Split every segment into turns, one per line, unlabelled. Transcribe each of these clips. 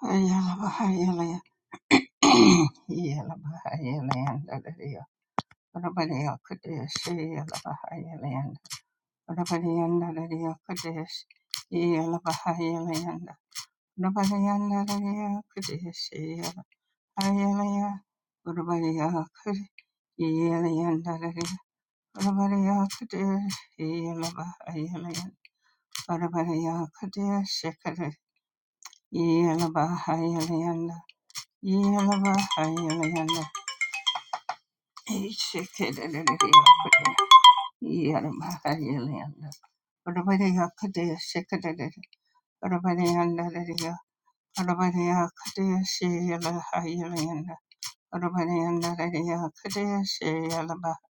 Ayala Bahayala Yala Bahayala and Dadadia. Rabadia Kudish, Yala Bahayala and Rabadia and Dadadia Kudish, Yala Bahayala and Rabadia and Dadadia Kudish, Yala ayala Yellow, Yalabahaya Yalabahaya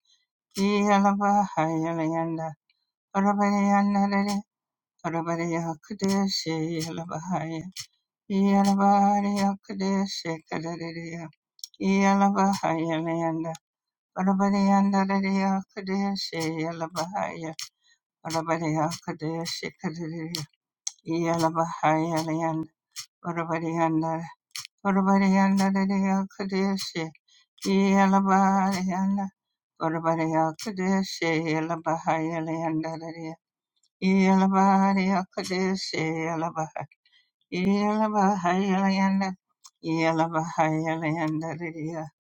Orabariyandarariya kadeshi yalabahaya. Orabariya kadeshi kadariya yalabahaya layanda. Orabariyandar. Orabariyandariya kadeshi yalabariyanda. Orabariya kadeshi yalabahaya layandariya. Yalabariya kadeshi yalabahaya. Yalabahaya layanda. Yalabahaya layandariya.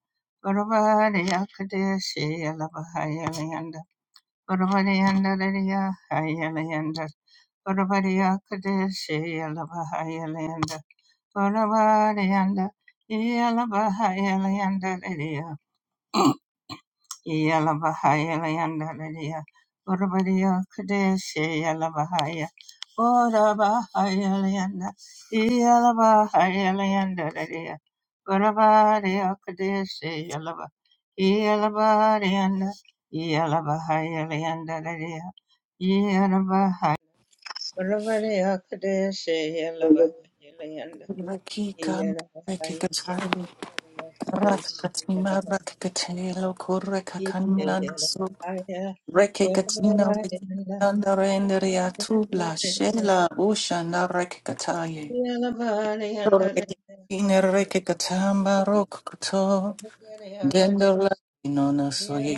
Orabariya kadeshi yalabahaya Land Urvariyandarariya Hayyalayandar Urvariya Kadeshi Yalaba Hayyalayandar Urvariyanda Yalaba Yala Bahaya Leandalalia, Urabadiya Kadeshi Yala Bahaya, Ora Bahaya Leanda, Yala Bahaya Leandalalia, Urabadiya Kadeshi Yala Bahaya, Yala Bahaya, Yala Bahaya Leandalalia, Yala Bahaya, Urabadiya Kadeshi Yala Bahaya Leanda,
Rakikan
Yala Bahaya,
Rekikatari
Urabadiya Kadeshi Yala
Rakatima Rakikatelo Kurekakanina Su Rekikatina Rekikatanda Renderia Tubla Shela Ushana Rekikataye Rekikatina Rekikatamba Rokuto Dendola Inona Soye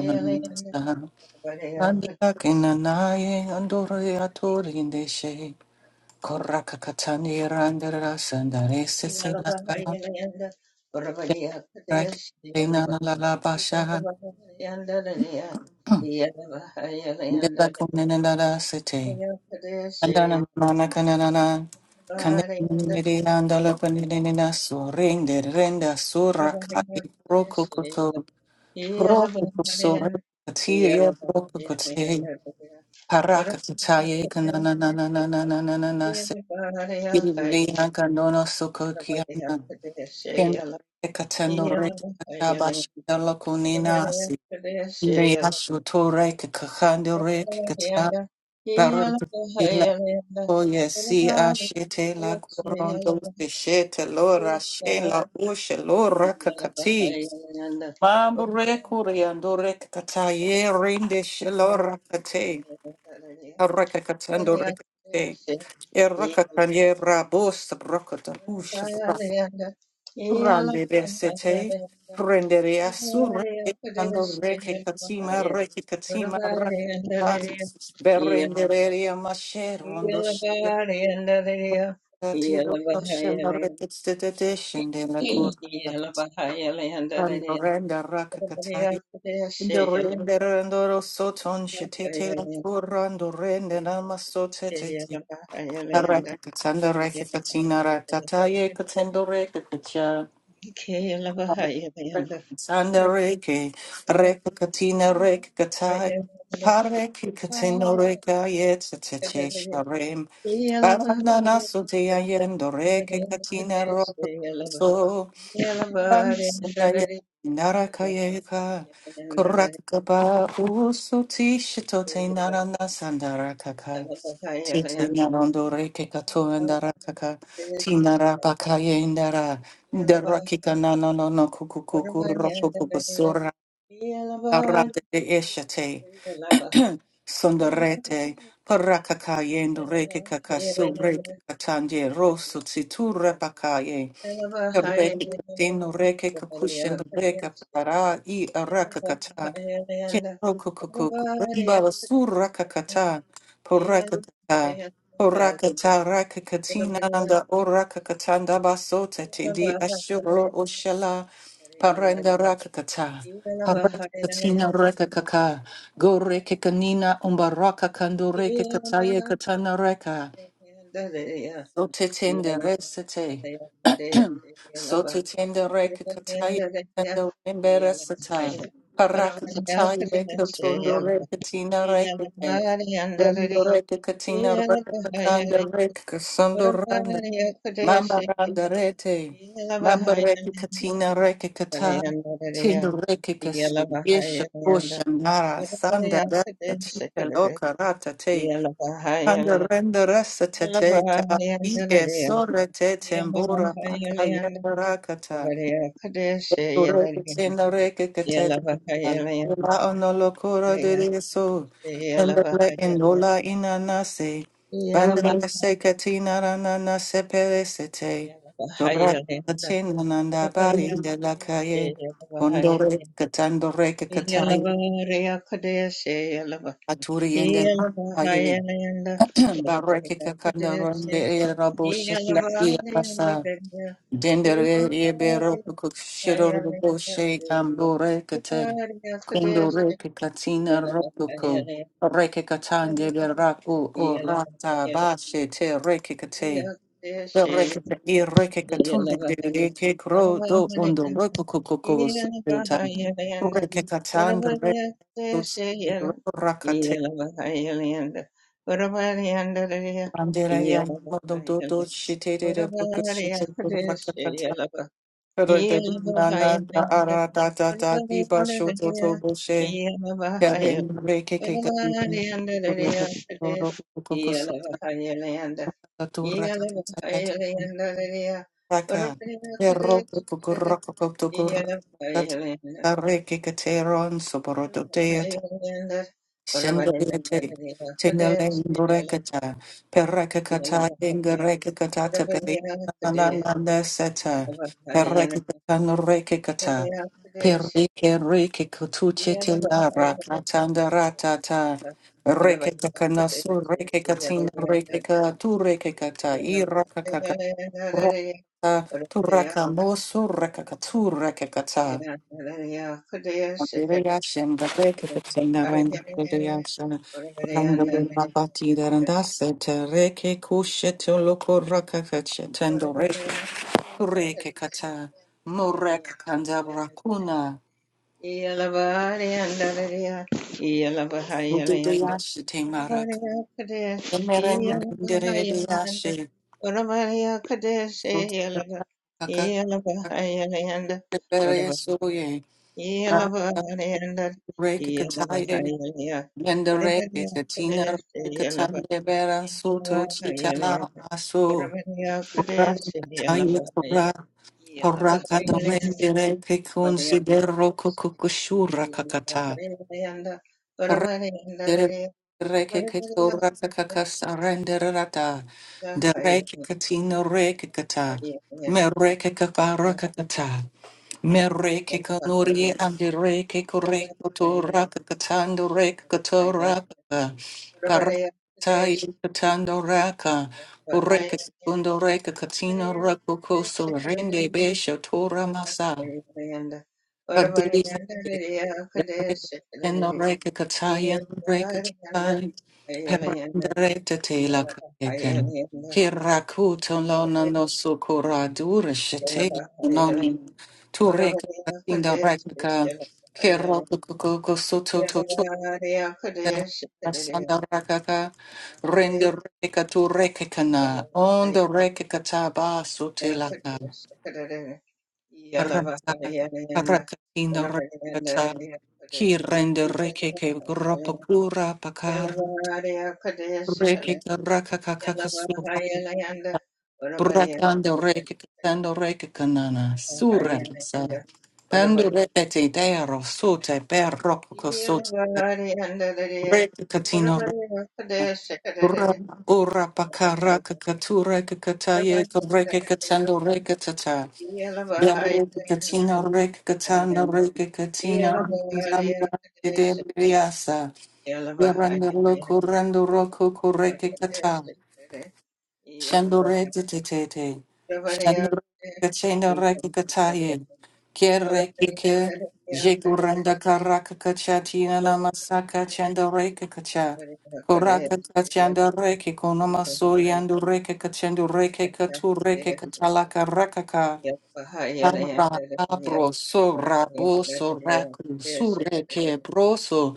Unanasa
yeah.
Nandia Kinanaye Andoria Turindeshe Korakakatani Randera Sandarese Selakan Rakina la la basha Dela Kunanada city, andana Manakanana, Kaniri and Alapanina so ring the renda
Yeah.
surakai prokokoto, prokokoso, Tiria prokokote, Parakataye, Kanananananananana, kiriya kanono Sokokiana, Ken Katendo reka kabasha lokunina Ndeyashu torek kahandorek kata barek la oye si ashete la korondo se shete lora she la ushe lora kakati mambre kuriando rek kata ye rinde she lora kate
Yeah.
haraka katando rek kate eraka kanye rabos brokoto Grande besete, prendere a surrete, quando reche catima, reche catima, rakata, berendere a mashe, rondo shile, tiro, shenda rete, stete, shende la curva, quando renda rakakatai, indo rendere, andoro soton, shetete la curva, ando rende,
Yeah.
nama sotete, rakakatanda, rekakatina, ratataye, katendo Sanda reke, reka katina reka katai, pareki katino reka yetse teche sharem, barana naso te ayendo reke katina roko so, ranso te daya naraka yeka, kuraka ba uso tishito te narana sandaraka Titi narondore reke kato andara kaka tinara bakaye indara ndara kika nana no no no kuku
Yeah.
kuku roko kuku sora arate de eshate sondarete parakaka yendo reke kaka sobre katanje rosu tsitura Reki katino reke kakushin reka para i araka kata. Kenroko koko kureba basura kakata. Poraka kata. Poraka ta raka katina anda oraka katanda basota te di ashurlo oshala. Paranda raka kata. Paraka katina reka kaka. Go reke kanina umbaraka kando
Yeah.
reke kataye katana reka. Sote tende resete. Soto tenda reka kataya tenda embera sata. Paraka kataya reka tondo reka tina reka ten. Dendo reka katina reka kakanda reka kasando randa. Mamba randa rete. Mamba reka katina reka kata. Tendo reka kase. Yesha kosha nara sanda reka tika loka rata te.
Yeah, yeah,
Andarenda rasa teteta ige sore tetembura paka yerakata. Ure
yeah.
tina reke ketete. La onolo de so. Endele indola inanase. Bandere se katina ranana se peresete. Dora katina bari de la calle. Condore katando reke katai. Aturi enden. Bareke kakanda ronde e rabo shifla e asa. Dendere e bero kuku rabo she
Yeah.
ambore kate. Kundo reke katina rokuku. Reke katande beraku o rata bashe te reke kate. The reke e reke katunde de reke kro do undo rokuku kuku sutan. Reke katande reke Andela ya modo do do shite de de boku shite de rakatata. Pero
Yeah.
na na da ara da da da diba shoto sho to to bo she. Kare ke ke ka di na kukuro kukuro roku kuku sota da tu rakatata da da raka. Ero kuku roku kuku roku da da da re ke ke te ron Shendelete, Tindale, Rekata, Perekakata, Ingerekakata, Tepelinananda Seta, Perekatan Rekakata, Perike Rike Kutuche
Yeah.
Tilara, Katanda Ratata, Rekakanasu, Rekakatin, Rekaka, Turekakata, Irakakaka, Rakata, Turakamosu, Rekakatu, Rekakata. Riyashin, the Rekit in the Rand Riyashin, Randabura Bati, the Randaset, Reke Kusheto Loko Rakakach, Tendo Reke, Reke Kata, Murek Kandabra Kuna,
Yeah.
Udiyashi Temarak, Emerend Riyashi, Utakaka Bere Soye, Reke Kataye, Yenda Reke Katina, Katande Vera Soto Chitala Aso. Time para para cada mendere que considero cucucushura cacata. Rendere reke que torra cacasa renderata. De reke catino reke kata, Me reke capara Mereke kanuri andireke koreko toraka katando reka
Yeah.
katoraka paratai katando raka ureka sekundo reka katino rako koso rende besha tora masa paduri in the break a Katayan break a Katai, Perendere Tela
Yeah.
Kayakan. Hirakuto lona no sukura dura shetela nonim. Turek in the rekaka. Hirokoko soto to Sanda rakaka. Render reka tu rekakana. On the rekakata ba sotelaka. Rata, Rakatina Rakata, Kirende Rekeke, Gropokura, Pakar, Rekeke, Rakakakakasura, Brakande Rekeke, Sando Rekekanana, Sura, Sando Repete,
Yeah.
Dero, Sute, Berroco, Sute, Rekatino, Ura, Ura, Pakara, Kakatura, Kakataye, Rekeke, Sando Rekatata. Katina Rek Katana Rek Katina Zamba de Riasa Yaranda Loco Rando Roco Correke Kata Shandore Tete Shandore Katina Rek Kataye Kereke Jekuranda Karaka Kachatina Namasaka Chandareke Kacha Koraka Kachanda Reke Konomasori and Reke Kachandu Reke Katu Reke Katalaka Rakaka Arra, sorabo, sorra, bo, sorraku, surreke, broso,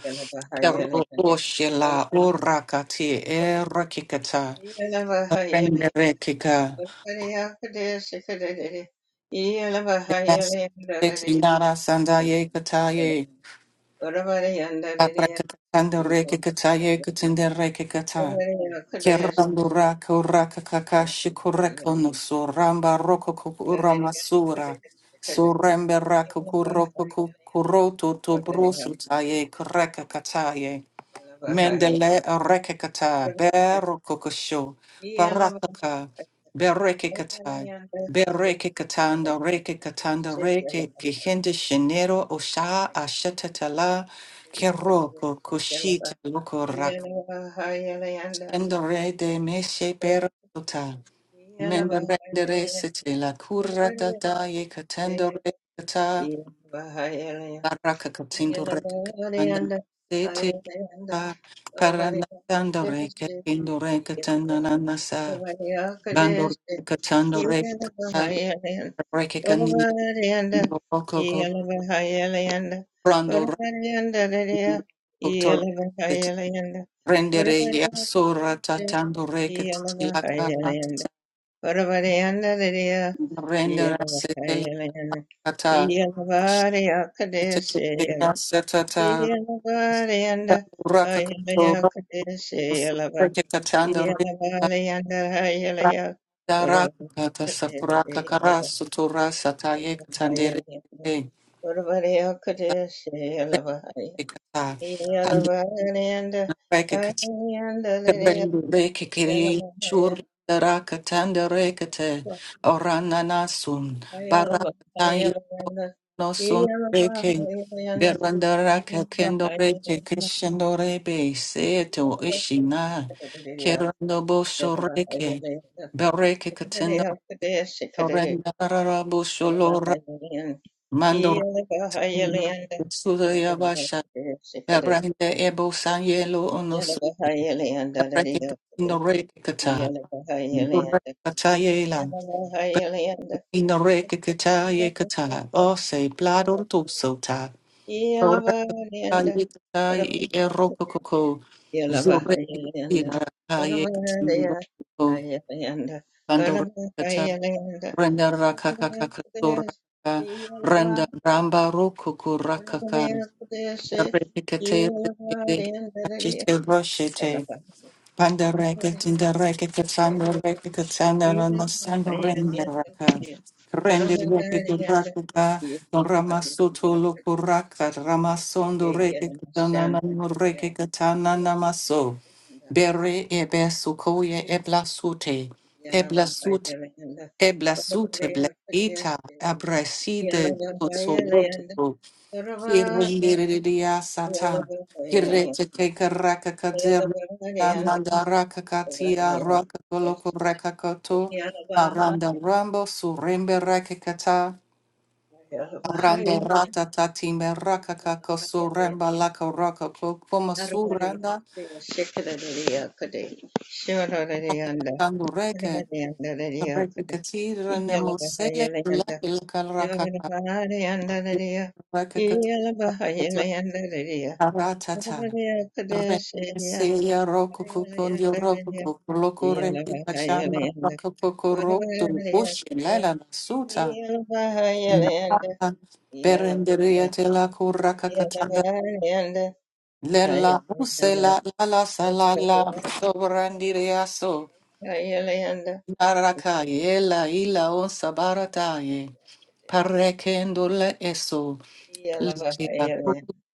perro, oshela, orrakati, errakikata, renderekika, ekinara, sandaye, kataye, aprakatanda, rekikataye, katinderekikata. Kerandura kuraka kakashi kureko no suramba roko kukura masura.
Yeah.
Surembe raka
Iya,
kuroko kukuroto to brusu taye kureka kataye.
bahaya
Mendele reke kata bero kokosho. Barakaka bereke kata. Bereke katanda reke katanda reke kihende shenero osha ashatatala keroko kushita Tendere de meshe perota. Menderendere sete la curata da ye catendere cata.
lah ya.
Baraka catendere catandam sete
Iya, bahaya anda.
sa.
Yeah.
Paranasandore catendere catananasa. Bandore catandere cata. Recanina rococo. Brando doctor. Rendere yasura tatandore catila carnata. Rendere sete la cata.
Yeah.
Rasatata Rakakoto Rakatanda Rakatakata Sakuraka Karasutura Sataye Katandere Kata Rekakata Rekakiri Shur Rakatanda Rekate Orananasun no son reke berandara kakendo reke kishendo rebe seto ishina kerando boso reke bereke katendo
Maria Kadeshi Kadere
rendara boso lora
Yanabahayan
mando
Yelabahayalanda
sudaya
Maria
basha
Kadeshi Kadere
berende ebo sanyelo onos
Yanabahayalanda
bereke
Maria
katendo
Kadeshi
reke kata
Yanabahayalanda
kata yela
Yanabahayalanda
Berende reke kata ye kata ose blador tu
Yelabahayalanda Yelabahayalanda
Yekatai
Yelabahayalanda
erokoko zure kira kaye koko kandora kata
Yelabahayalanda
renda rakaka
Yellow,
kakasora renda ramba rokoko rakaka rekete rekete kachite roshete Panda racket in the racket, the thunder racket, the thunder and the thunder render raka. Render racket, the rakaka, the ramasuto lokuraka, ramasondo racket, the nanano racket, the tananamaso. Bere ebesukoye eblasute, eblasute, eblasute, blaita, abraside, so, so, so.
Yeah.
Kirundiridia sata. Kirete keke raka kater. Amanda raka katia raka koloko raka koto. Aranda rambo surembe raka kata. Aranda rata tatime raka kako suremba laka raka kokoma suranda tangureke. Reke katira ne musele laka laka raka kata. Raka kata. Aratata. Reseya rokukukundi rokukukuloko rekikachama
Yeah.
rokukukurotu ushi lela nasuta. Nakata berenderia tela kurakakatanda lela usela lala salala sobrandiria so. Naraka yela ila onsa barataye. Parekendole eso. Puzia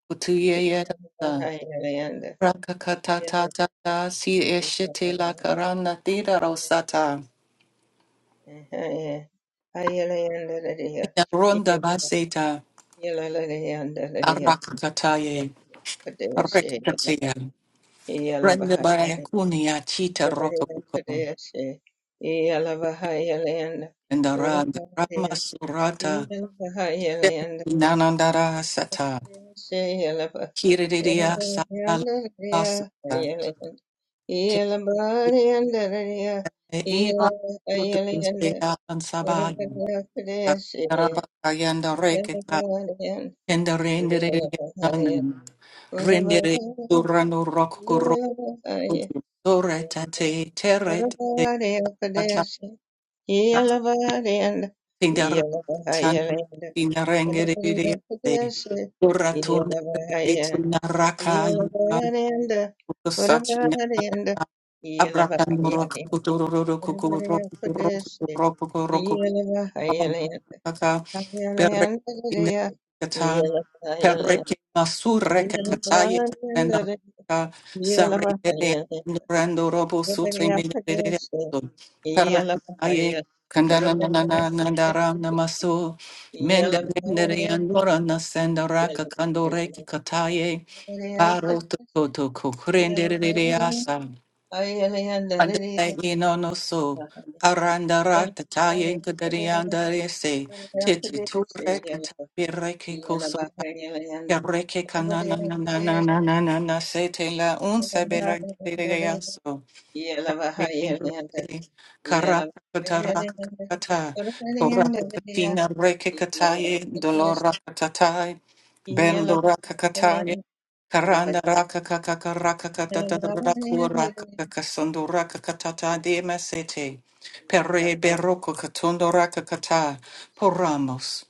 kutuye Rakakatatata si eshete la karana tira rosata. Ina ronda baseta arakataye rekatatea. Renda barayakunia chita rokabuko.
Kodeshe, Yalavahayalayanda,
Ndaranda rama
Kodavaya,
surata
Yalavahayalayanda,
nanandara sata.
Kodeshe, Yalava,
Kiridia sata la
Kodavayanda,
basata.
Hayalayanda,
Kete
Yalavahayalayanda,
iba tutu
Yalavahayalayanda,
sea ansabayi.
Kodavaya, Kodeshe,
Karabakayanda reketa. Kendarendere Rendere urano rokuro soretate terete tata
Yelavarenda,
tindar tan
Yelavahayalenda,
tindarengere
Yelavahayalenda,
se
Pudeshe,
uratun
Yelavahaya,
tinaraka
Yelavarenda,
sachina
Yelavahayalenda,
abrakan
Yelavahayalenda,
rokuro rokuro
Yelavahaya,
rokuro
Pudeshe,
rokuro
Yelavahayalenda,
rokuro
Hayalenda, Gudea,
Perrekata,
Yelavahayalenda,
perreke masurre kataya tenda
Yelavahayalenda, Yelavahayalenda,
ka sarre
Yelavahaya,
rando robo sutre melere
Pudeshe,
perrekaye
Yelavahaya,
kandana
Yelavahaya,
nana nandara
Pudeshe,
namasu mende
yellow,
mende rendere andora na senda raka kando kandore kataye paro to to to kukurende re re asa. Andale no no so arandara tataye gudariandare se titliture katabireke koso kereke kanana na na na na na na na se te la unse berangereaso karaka kataraka kata koraka katina reke kataye dolora katatai bendora kakataye Karanda raka kaka karaka kata
Yeah.
tata raku raka kaka sandu raka kata ta de mesete. Perre beroko katundo raka kata poramos.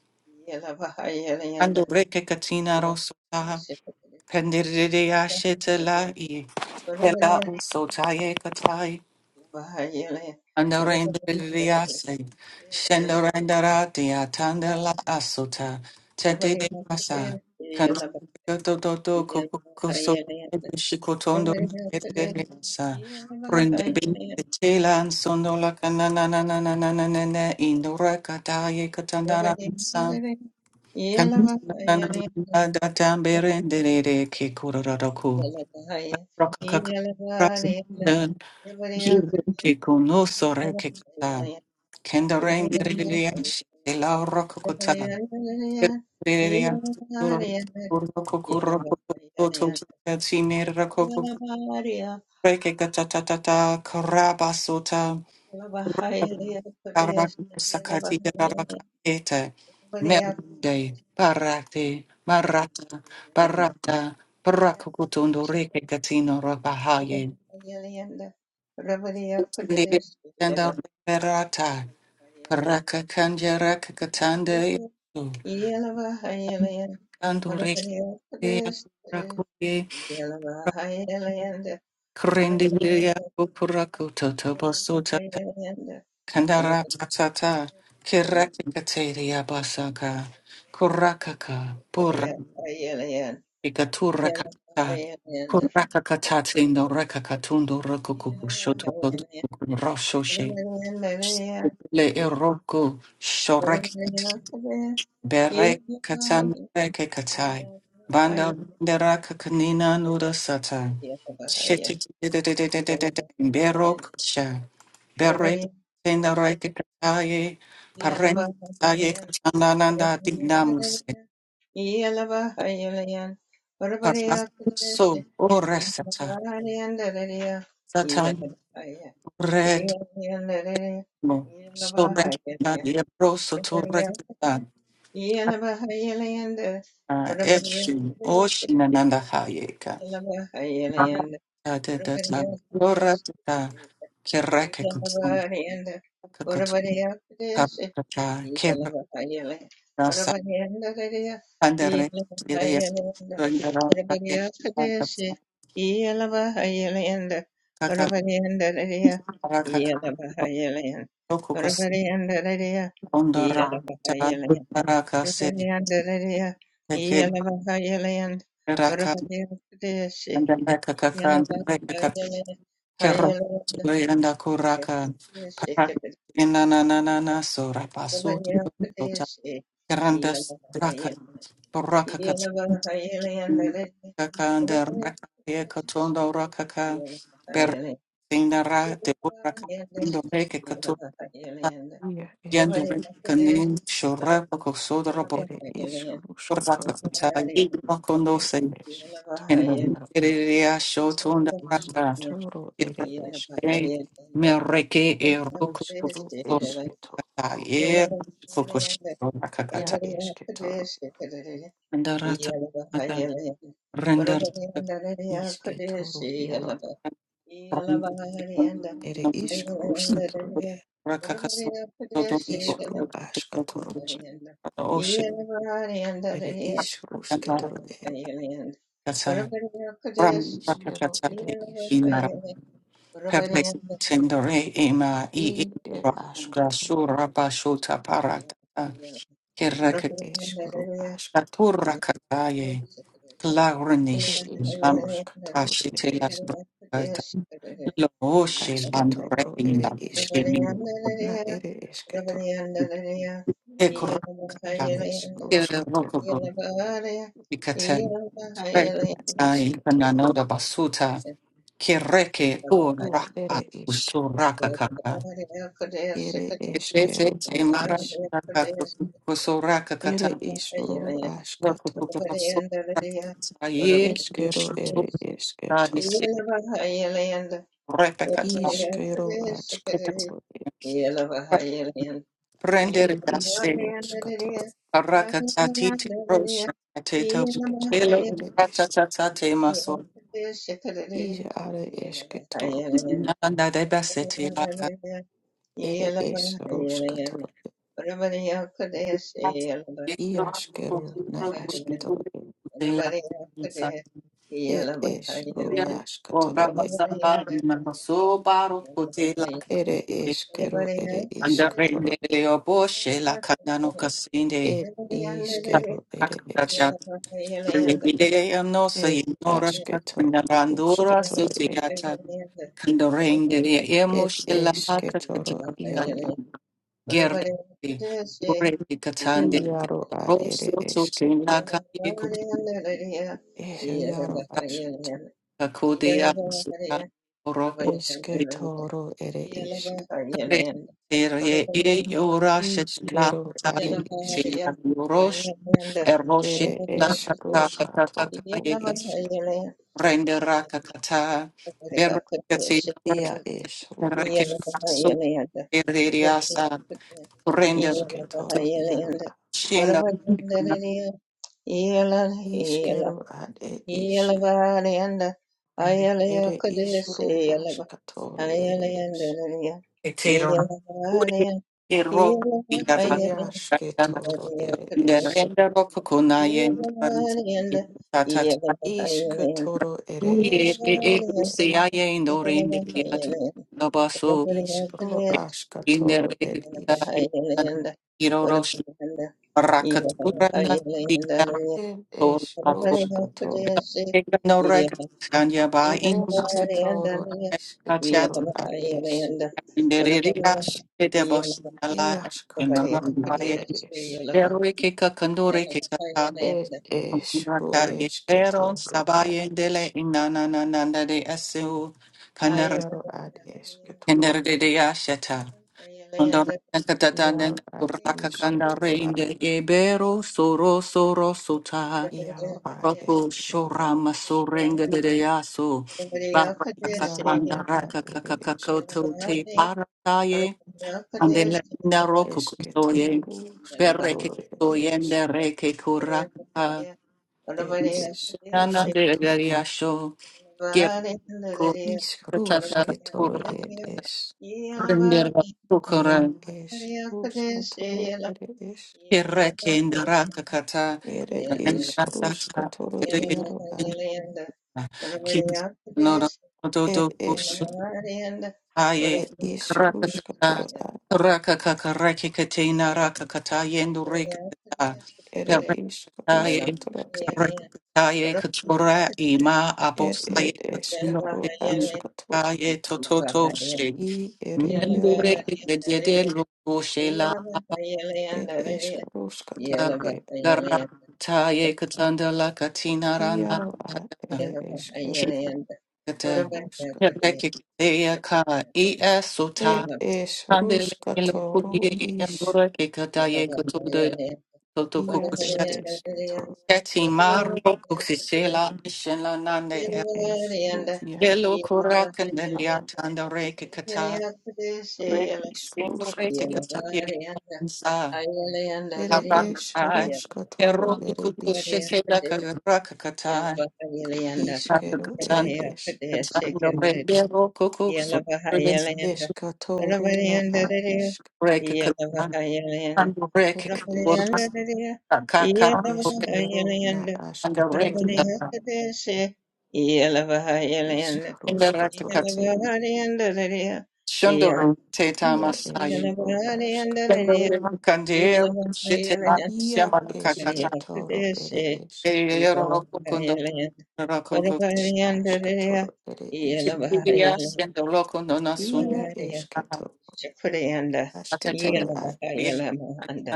Ando reke katina roso taha. Pendiride ashete la i. Pela uso taye Andorendriase, Shendorendaratia, Tandela Asuta, Tete de Masa, Kantoto Kokuso, Shikotondo, Eteresa, Prendebi, Tela, and Sondola Cananana, Indora Kataye Katandara, Sam, Kananana, Tamberendere, Kikuraku,
Yeah.
Kiko no sore kekata. Kenda rain deririyanshi. Ela rokokota. Deririyanshi. Urokokorokokoto. Tine rokoko. Rekekata tatata. Karabasota. Karak sakati darakete. Merde. Parate. Marata. Parata. Parakokotondo rekekatino rabahaye. Kenda Raka kanja raka katande yaso.
Yeah.
kandu reki ya rakuye krende ya kupuraku toto basu tata kandara tatata kiraki kateri ya basaka kurakaka pura ikatura kata kuraka katati no raka katundu raku shoto toto kuku rosho she le eroko shorek. Berek katam bereke katai. Banda deraka kanina nuda sata. Shetik berok sha. Berek tenda reke kataye. Parent
Yeah.
aye katananda dignamus. Parak so oresata. Sata retmo. So rekna de broso to rekta. Eshi oshinananda hayeka. Da da da da. Lora da. Kereke
Yellow,
kutsum. Kakutsum. Kapata. Kebra. Nasa. Pandere. Ileyes. Rendera. Kakem. Kaka. Rakaka. Tokukus. Ondora. Da. Raka. Sid. Keke. Raka. And then Raka. Kaka. And then Raka. Kerro. Tule. And
yeah.
Akuraka. Paraka. Inanana. Sura. Pasu. Grandes Raka Baraka Kakanda Rakaya Katondo Rakaka Bertina Ra de Buraka Indoreke Katuka
Ia es
Yendo Kanin Shorapa Kosodra
ere iskaruska
Boraka
toro
Kata Yimakondo
ere
Se
eskitoro
and the
ero
Ria Shotunda Raka
iskitoro ere eskero
Mereke Eroko
iskaru
Kata
eskitoro
Yer Fukush
ia
Rakakata
eskitoro
Andarata
Yeah.
Render
iskitoro iaro
Perfect
ere iskaruska toro iskaru askatoro ere iskarusketoro ere iskero ere iskatoro
tendere ema i
ide
da
askatoro
sura bashuta parata kerrek
ere eskero
la
askatoro
curra cataye clarnish
ere
am
iskaruskatoro
ashite
Yeah.
la
ere
brata lo oshe and
Ashketoro
breaking
ere ishkaru
the
na ere esketoro ere
Ekorakatan,
eskroskatoro
Kerokobo, Ikatan,
ed ad
Karetai,
ishkatoro
Kananoda Basuta, Kereke, O
ru
Raka,
ere ishkatoro
Usuraka Kaka,
ere eskero
Etete,
ad ish
Maraka, Usuraka
ere
Katan,
ishru ashkatoro
Rakobuka Basurakai,
eskero
Eshutu,
ere esketoro
Nisi, Repekata,
iskero
Ekata,
ashkatoro ed
Yeah.
Prendere
ere
Dase,
ishkroskatoro
Arakatati, Rosha, Teta,
ashketoro
Chelo,
ere esk
Ratatate,
i are esketoro
Naganda de Basseti, Laka,
ere ishroskatoro i ashkero na ashketoro It is ru
or
ashkatoro.
Baba
It
Samba, Namaso Baro, Pote Laka,
ere ishkero ere
and the Rende
ishkatoro.
Leo Boshe, Lakandano Casinde,
It ishkero ere
Yeah.
ish.
Akadacha, Rebidea Nosa,
It
Nora,
ashketo
Narandura,
ruskatoro e.
Sutiata, and the Rende Emo
It
Shilla,
ishketoro iaro a.
Gerli, Ureti Katande,
Iaro ad ere
Rosso,
ishke.
Sotin, Laka, Kutunra,
Es iaro ashkato.
Kakudia, Sutai, Oroku,
Ishketoro ere ishk.
Kare, Ere, E, Urashet, La,
Ishkero ere
Tai,
ishk.
Tila, Urosh, Eroshet,
Ere
La,
ish
Kaka, Kaka,
ruskato
Kaka,
ru
Yekas,
ishk.
Rendera, Kakata, Berkati,
Ia ish ru
Yeah.
Rekin,
ashkato.
So, Ereriasa, Render,
Ishketoro iaro
Shinda,
Ishkeru ad ed ishk. Ere ishru ashkatoro ere ish.
Etero kuri ero igava rakana
Eashketoro ere
yondera
ish.
enda rokokona yenda tatata
Ishketoro ere
uye e
ishkero.
e se aye indore inde kiatu nabaso
Ishkru
inde
ashkatoro ed
Yeah.
rekita
ish.
iro rosh rakatura na tika
Ed
tor
ish
ako
rushkato.
ega no rekat kanya ba in masu
Eshketoro
tatata
ishketoro ad ish.
inde riri ashi de bos
Eashkatoro
ala
ere ish.
Berwiki kakanduri kitata
Ed ish ru
kumbraka yero
ishketoro ad
sabaye dele
ish.
inana na na na de asu kandar
Iaro ad ishketoro.
kender de de ashata kondor kakata nanda
Iaro ad
kuraka
isketoro
kandare
ad
inde ebero soro soro suta
iaro ad ed
roku
iaro.
shora masurenga de de asu
Iaro
barakatanda
na ad
raka
ere eskero
kakakakoto
ed
te parataye andele naroku kutoye
esketoro
bereke
skatoro ed
kutoye
es
ndereke kuraka
ed es
Nana de
ruskato.
Garia Show, Gir Kutata,
Is rusketoro ed
Kurakata,
es.
Yeah.
Rendera
Ia
Kukura,
es ruskatoro ere es.
Kireke in the Rakakata,
Ere is
Rendra Sata,
ruskatoro
Kedina,
iaro ad
Kim Nora,
ed es.
Yellow,
Aye,
Ed is
rakata,
ruskatoro ad
rakaka, karakikatena, rakakata, yendu rekata,
ere is
perakataye,
ruskatoro ere.
karakataye, katura, ima,
Er
abosaye,
ed
katuno,
eskaro askato.
kaye, tototo, she,
I ere
mendu
iaro a.
rekikatede, loko, she, la,
Ed eskaro skato.
abaka,
E
garakataye, katanda, la, katina, rana,
iaro a.
kata,
Ere
she,
eskero a.
kata,
Iaro skato.
perakikateya, ka, e,
Ed es
Handele
ruskatoro
kuye
is.
yandora ke kataye kotodo toto
Ia ed
kukushati
eskatoro.
shati maro kuksisela shela nande
Ed es ruskiaro
yellow korakan and
a.
yatanda reke kata
Ed
Yeah.
is
sendo reke
ruskatoro.
kataye sa
Ere
abana
es ruskatoro.
ero
Ere is.
kukushela karaka kata
Iskero ere
katando
es.
katando rebero kukuso
Yalabahayalayanda,
Eskatoro na a
Yalabahayalayandadadaya,
isk.
reke kata
Yalabahayalayanda,
and Break
Ere isk.
Yalabahayalayandadadaya,
Kakaka
Eskero na
Yalabahayalayanda,
and the
asketoro e
Rekata
Yalabahayalayandadadaya, Yalabahayalayanda,
in the
iskaruskatoro
Rekakat
e
Yalabahayalayandadadaya, Yal-
Shundaru Teta
ia es
masai,
ro askato.
Yalabahayalayandadadaya,
Kandere
Yalabahayalayanda, Yalabahayalayandadadaya,
Ia esketoro ere esk e
Yalabahayalayanda,
askatoro ere isk.
Yalabahayalayandadadaya,
Ia
Yalabahayalayanda.
esketo
Shakura yanda
asketoro
yela
a
baka yela
isk
mahanda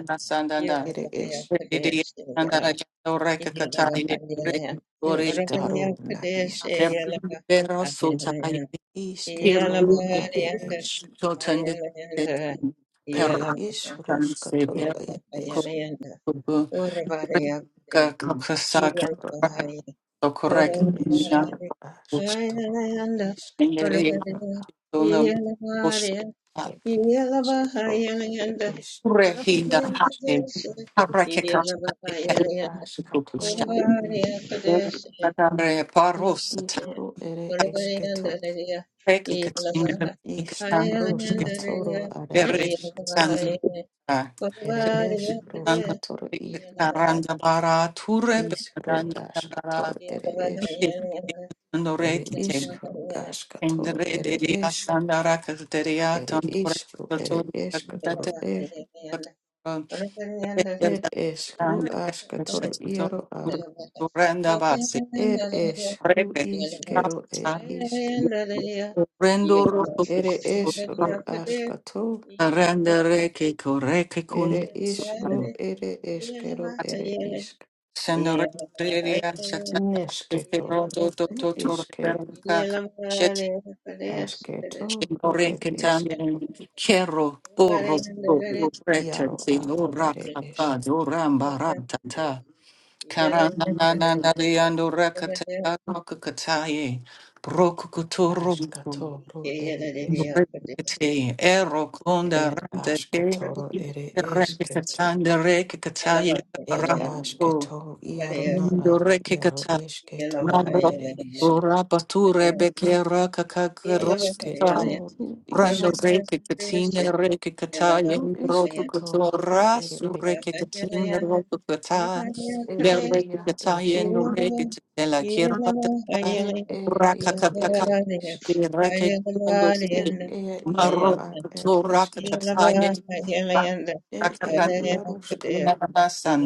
yela
ere
baka ya
es.
kadesh yela baka yela baka yela ya oraka ya
Eskaro na
kadesh
isk.
yela baka yela ya
Correct.
yela
Isketoro
baka
are
yanda
esk.
yela yanda yela
Ere
baka
is ruskatoro
yela
e
baka yela
esk.
yanda oraba ya kadesh yela
Asketoro
baka
a.
yela
Ia
oraba
es ro
yela
askatoro
yanda oraba
isketoro na
yela baka Yeah.
Ereshkigal, Eresh, Erashkatoro, Ishru, Ereshketo, Ishka, Roshkatoro, Aresh, Eresh,
Nanda
Roshkatoro,
Karanda Bara Ture
Ishru,
Nanda Bara
Ashkatoro, Eresh,
Kite Tandore Kite
Ereshkru, Ashkatoro,
Indre Delia
Eresh,
Sandara Kateria Tandore
Ereshkru,
Katori Katate
Ereshkatoro, Er, Ereshkru, Ashkatoro, Iaro, A,
Yeah,
Turenda Basi
Ereshkru,
Rebe
Ishkero,
Rasta
Ereshk,
Rendo
Ere esh ru
Rendere Kekoreke
Ere ish ru
Kun
ere eskero ere isk.
Sendere Redia
Nesketo.
Shataro Dodo
Ru
Totore
iske
Kaka Shet
asketo ru
Shinore
ere esk.
Ketame Kero Oro Reta
Iaro a
Zinora
ere
Kaka
ish.
Doram Baratata Karana Nana Naliando Rakata Rokataye Brokukutoro
Ashkato ru ere isk.
Rekate Ero Konda
Ed
Rate
Yeah.
asketo ru ere esketo.
Rekatanda Rekataye
Ed
Rambo
asketo iaro na a. Iaro
Rekataya
esketo ru ere isk.
Ora bature bekera kakakarosita.
Esketo ru
Rando
isk.
zeke katine reke kataya
Ru
rotu
isketo ru
katora
ere isk.
sureke katine rotu kata.
E
Bereke
ia
kataya
eske.
no reke tela kirpa tata.
Ed ed ia
Rakakataka.
ere isk.
Reke kando
Ed
zeke.
ed iaro
Maro
a ed
katora
esketo.
kataya.
Ed ed
Rakakan.
iaroska.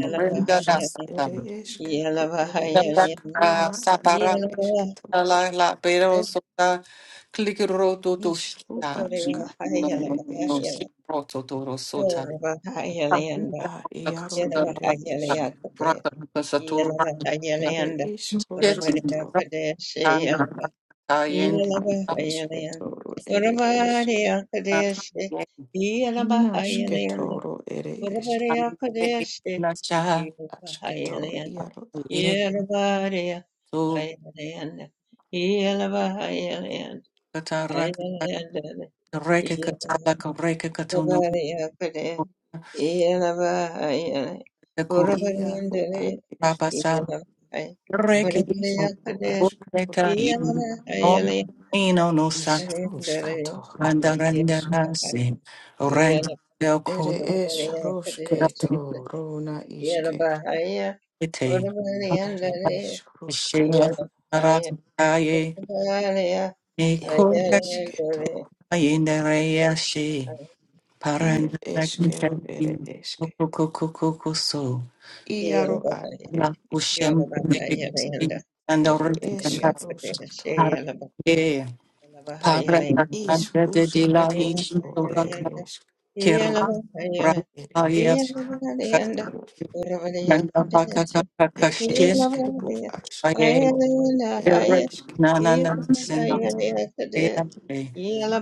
Ru
Renda
ask.
dasa.
Ere esk.
Yellow,
Ru ere
Darabra,
isk. Ru na ad
Sapara,
ere esketo.
La La Pero Sota, Clicro Toto
Isk ru
Shita,
aska. Ru
No No
ere
No
esk.
Shiro Totoro Sota,
A iaro ere isk.
Raka Satura,
Ere is
Shit,
roskato.
Ratan, Kayen,
Ed ed esketo. Ru ere isk. Nasketo. Ru ere isk.
Nacha,
Asketo. Iaro a.
Yek, So, Katarak, Reka Katala, Reka Katuno, Kur.
Iaro a esk. Ere
Rekido
iskaro askatoro
Gureka in Om Ino no Sat
iskaroskatoro ere isk.
Mandarandanasi Rand
Yeah.
Del
Ere
Kurete
esroske torona iske. Ere
Shila
isroskatoro
Rakaye
ere
Nikurai
esketo.
in the Reyashi
Ia eskero ere
Parandarakin
eske.
Kukukukukuso
Iaro ad ere
la
isk. Ere eskroskatora isroskatoro
Parang
ere esk.
Kir
Yeah.
Ere
Brahmaya
iskroskatoro
Kanda Bakata
ere
Kakashin
esk. Ru
Aye
askatoro ere
Kir
esk.
Nanana Sinam
Iarona
Deate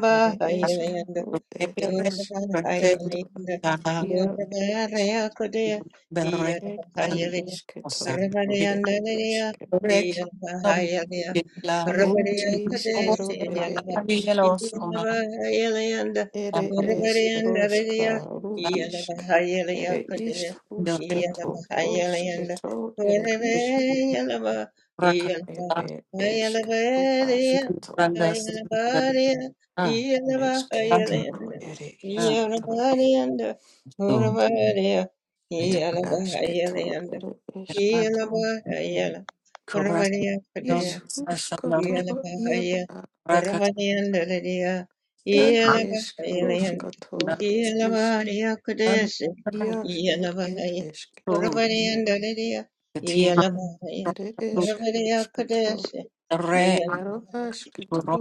Ere eskero, ed
Akutepere
Yeah.
Kanteb
eskero,
Taha
iaro ed es,
Berek
ed
Kan
ad isketo,
Osa
ere eske,
Berek Nom Kitla
ed
Ut
iskero, ere esk,
Avielos Oma
ere eskeroska, ru isk, ere isk
Berek
ruskato, rusketo, ere isk, ed
Rakakta
ed esk, ru askato,
Randas Ah, ah,
esketo, ere
ah.
esketo,
Yalabarianda,
So
Urabaria,
ed asketo,
Yalabarianda,
ere
Tandere
esketo,
Yalabaria, Urabaria
Ish
Padea,
ruskatoro yaro
Yalabaria,
a
Urabarianda, Lydia,
ed esk
Yalabaria,
ruskato isk
Yalabaria Kudes,
yas ed ed
Yalabaria,
esk toro
Urabarianda,
yaro
Lydia, Yalabaria,
ed esk
Urabaria
ruskato
Kudes,
yaro asketo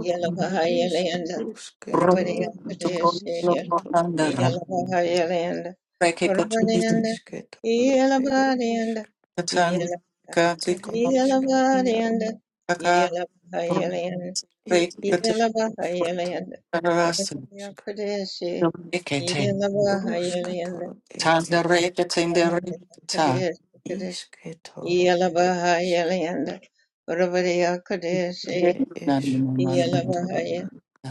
ed isk
Lyanda,
rusketo
Urabaria
na
Kudes,
isketo yaro
Yelabariyanda, Rabariyanda,
isketoro ed
Yelabariyanda,
isk
Yelaba,
ed esk yaro
Yelabariyanda,
a
Yelabariyanda,
ed esk ruskato
Yelabariyanda,
isk
Rabariyakadeshi, Yelabariyanda,
ruskatoro ed esk
Rabariyakadeshi,
isketoro ed
Yelabariyanda, Rabariyakadeshi,
Ere esh ruskatoro.
Yelavahaya,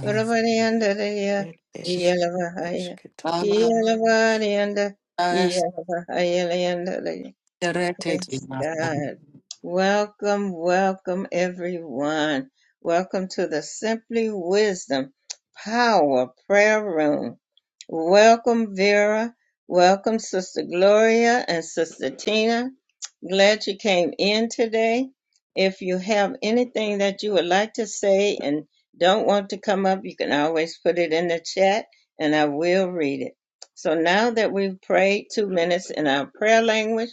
Varavariyandariya,
Ere esh
Yelavahaya,
esketoro.
Yelavariyanda, Yelavahayalayandaraya.
Directed in
Praise
Asterete
God. Welcome, welcome everyone. Welcome to the Simply Wisdom Power Prayer Room. Welcome, Vera. Welcome, Sister Gloria and Sister Tina. Glad you came in today. If you have anything that you would like to say and don't want to come up, you can always put it in the chat and I will read it. So now that we've prayed two minutes in our prayer language,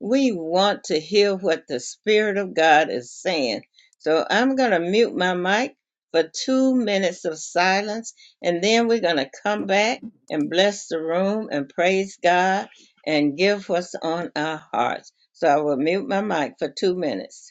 we want to hear what the Spirit of God is saying. So I'm going to mute my mic for two minutes of silence and then we're going to come back and bless the room and praise God and give what's on our hearts. So I will mute my mic for two minutes.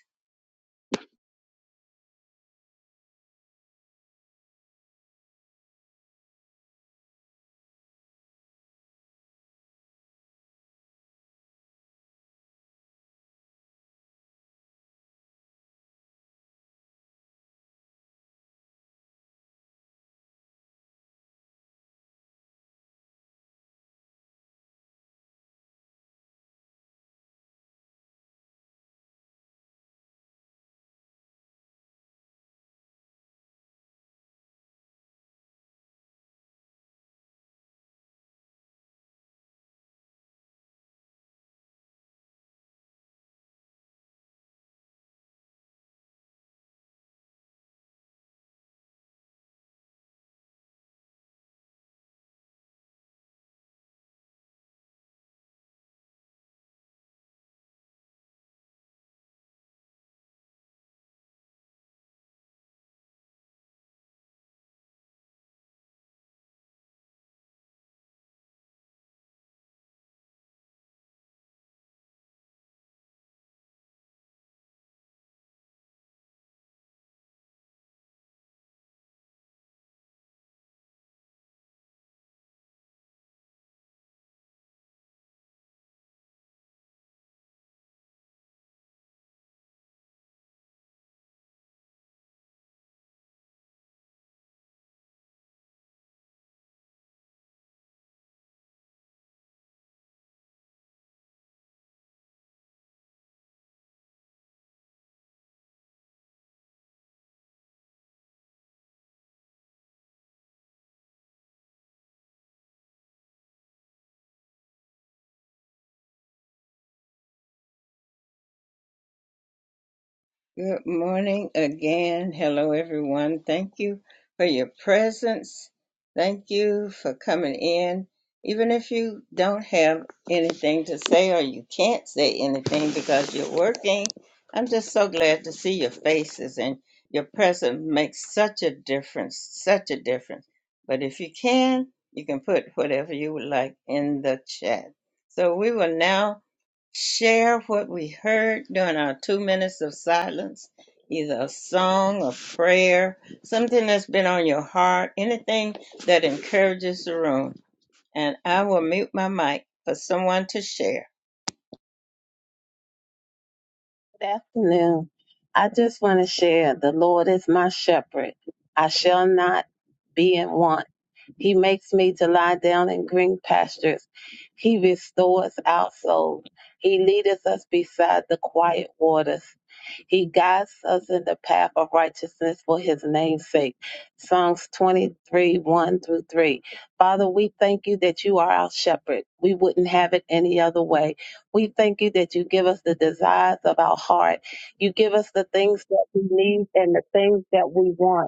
Good morning again. Hello, everyone. Thank you for your presence. Thank you for coming in. Even if you don't have anything to say or you can't say anything because you're working, I'm just so glad to see your faces and your presence makes such a difference, such a difference. But if you can, you can put whatever you would like in the chat. So we will now share what we heard during our two minutes of silence, either a song, a prayer, something that's been on your heart, anything that encourages the room. And I will mute my mic for someone to share.
Good afternoon. I just want to share the Lord is my shepherd. I shall not be in want. He makes me to lie down in green pastures. He restores our soul. He leadeth us beside the quiet waters. He guides us in the path of righteousness for his name's sake. Psalms 23, 1 through 3. Father, we thank you that you are our shepherd. We wouldn't have it any other way. We thank you that you give us the desires of our heart. You give us the things that we need and the things that we want.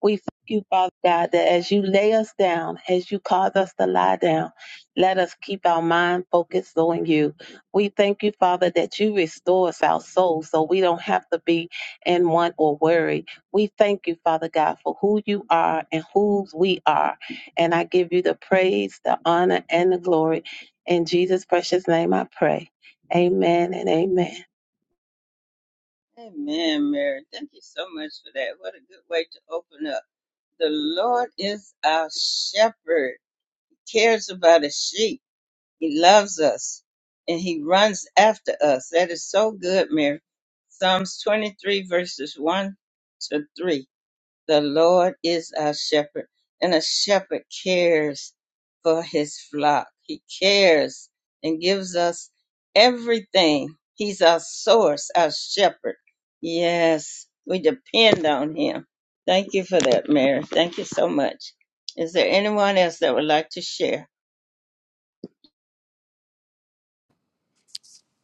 We thank you, Father God, that as you lay us down, as you cause us to lie down, let us keep our mind focused on you. We thank you, Father, that you restore us our souls so we don't have to be in want or worry. We thank you, Father God, for who you are and whose we are. And I give you the praise, the honor, and the glory. In Jesus' precious name I pray. Amen and amen.
Amen, Mary. Thank you so much for that. What a good way to open up. The Lord is our shepherd, He cares about his sheep. He loves us and he runs after us. That is so good, Mary. Psalms 23, verses 1 to 3. The Lord is our shepherd, and a shepherd cares for his flock. He cares and gives us everything. He's our source, our shepherd. Yes, we depend on him. Thank you for that, Mary. Thank you so much. Is there anyone else that would like to share?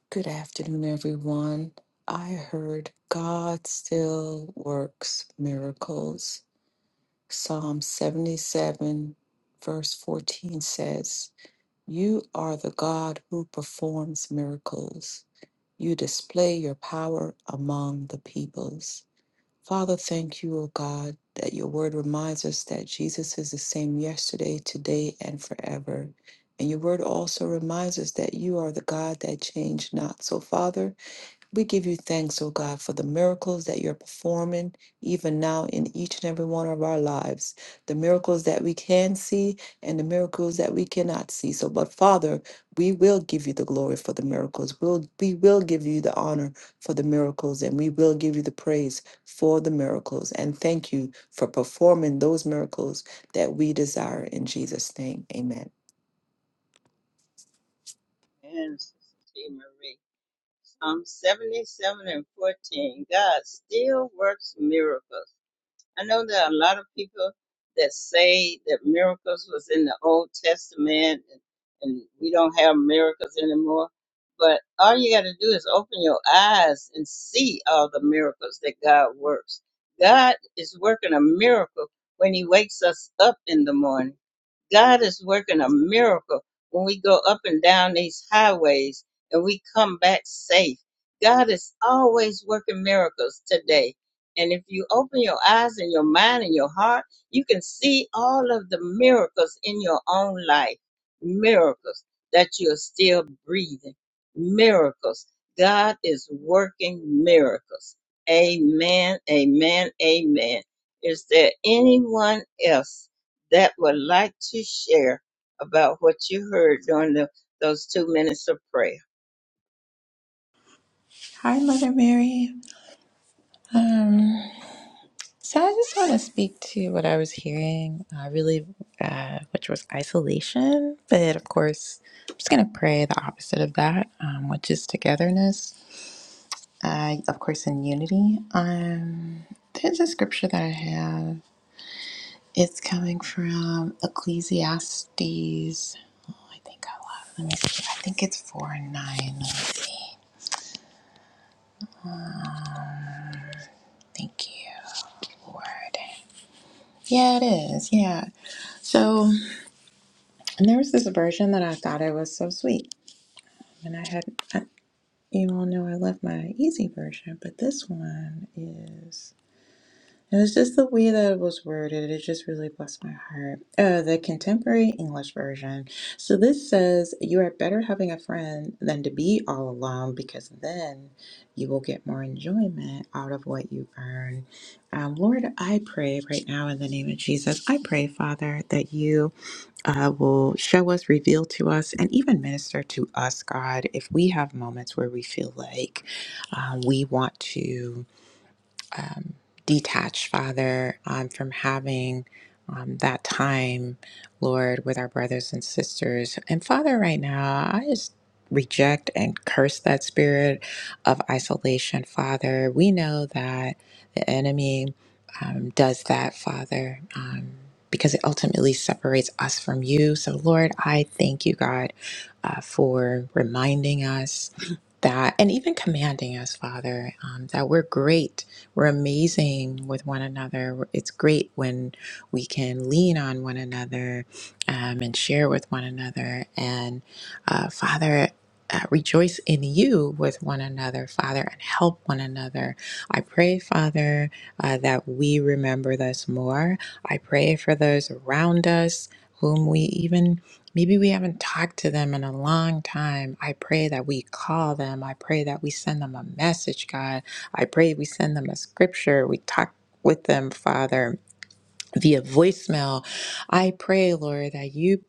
Good afternoon, everyone. I heard God still works miracles. Psalm 77, verse 14 says, You are the God who performs miracles. You display your power among the peoples. Father, thank you, O God, that your word reminds us that Jesus is the same yesterday, today, and forever. And your word also reminds us that you are the God that changed not. So, Father, we give you thanks, O God, for the miracles that you're performing even now in each and every one of our lives, the miracles that we can see and the miracles that we cannot see. So, but Father, we will give you the glory for the miracles. We'll, we will give you the honor for the miracles and we will give you the praise for the miracles. And thank you for performing those miracles that we desire in Jesus' name. Amen.
And Sister T. Marie. um, 77 and 14. God still works miracles. I know there are a lot of people that say that miracles was in the Old Testament and, and we don't have miracles anymore. But all you got to do is open your eyes and see all the miracles that God works. God is working a miracle when He wakes us up in the morning. God is working a miracle when we go up and down these highways and we come back safe. God is always working miracles today. And if you open your eyes and your mind and your heart, you can see all of the miracles in your own life. Miracles that you're still breathing. Miracles. God is working miracles. Amen, amen, amen. Is there anyone else? that would like to share about what you heard during the, those two minutes of prayer?
Hi, Mother Mary. Um, so I just want to speak to what I was hearing, uh, really, uh, which was isolation. But of course, I'm just going to pray the opposite of that, um, which is togetherness, uh, of course, in unity. Um, there's a scripture that I have. It's coming from Ecclesiastes. Oh, I think I love. Let me see. I think it's four and nine. Let me see. Thank you, Lord. Yeah, it is. Yeah. So. And there was this version that I thought it was so sweet. And I had, I, you all know I love my easy version, but this one is, it was just the way that it was worded. It just really blessed my heart. Uh, the contemporary English version. So this says, You are better having a friend than to be all alone because then you will get more enjoyment out of what you earn. Um, Lord, I pray right now in the name of Jesus, I pray, Father, that you uh, will show us, reveal to us, and even minister to us, God, if we have moments where we feel like uh, we want to um, detached, Father, um, from having um, that time, Lord, with our brothers and sisters. And Father, right now, I just reject and curse that spirit of isolation, Father. We know that the enemy um, does that, Father. Um, because it ultimately separates us from you. So, Lord, I thank you, God, uh, for reminding us that, and even commanding us, Father, um, that we're great we're amazing with one another. It's great when we can lean on one another um, and share with one another. And uh, Father, uh, rejoice in you with one another, Father, and help one another. I pray, Father, uh, that we remember this more. I pray for those around us whom we even maybe we haven't talked to them in a long time. I pray that we call them. I pray that we send them a message, God. I pray we send them a scripture. We talk with them, Father, via voicemail. I pray, Lord, that you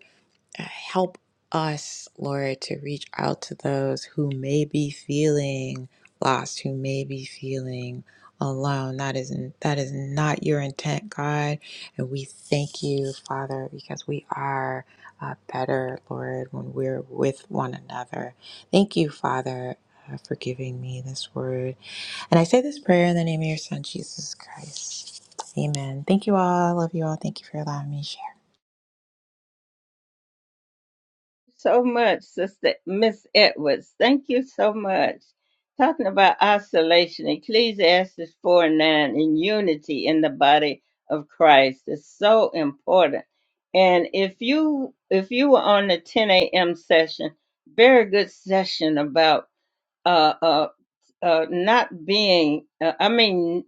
uh, help us, Lord, to reach out to those who may be feeling lost, who may be feeling alone. That is that is not your intent, God. And we thank you, Father, because we are uh, better, Lord, when we're with one another. Thank you, Father, uh, for giving me this word. And I say this prayer in the name of your Son, Jesus Christ. Amen. Thank you all. I love you all. Thank you for allowing me to share.
So much, Sister Miss Edwards. Thank you so much. Talking about isolation, Ecclesiastes 4 and 9, and unity in the body of Christ is so important. And if you if you were on the 10 a.m. session, very good session about uh, uh, uh, not being, uh, I mean,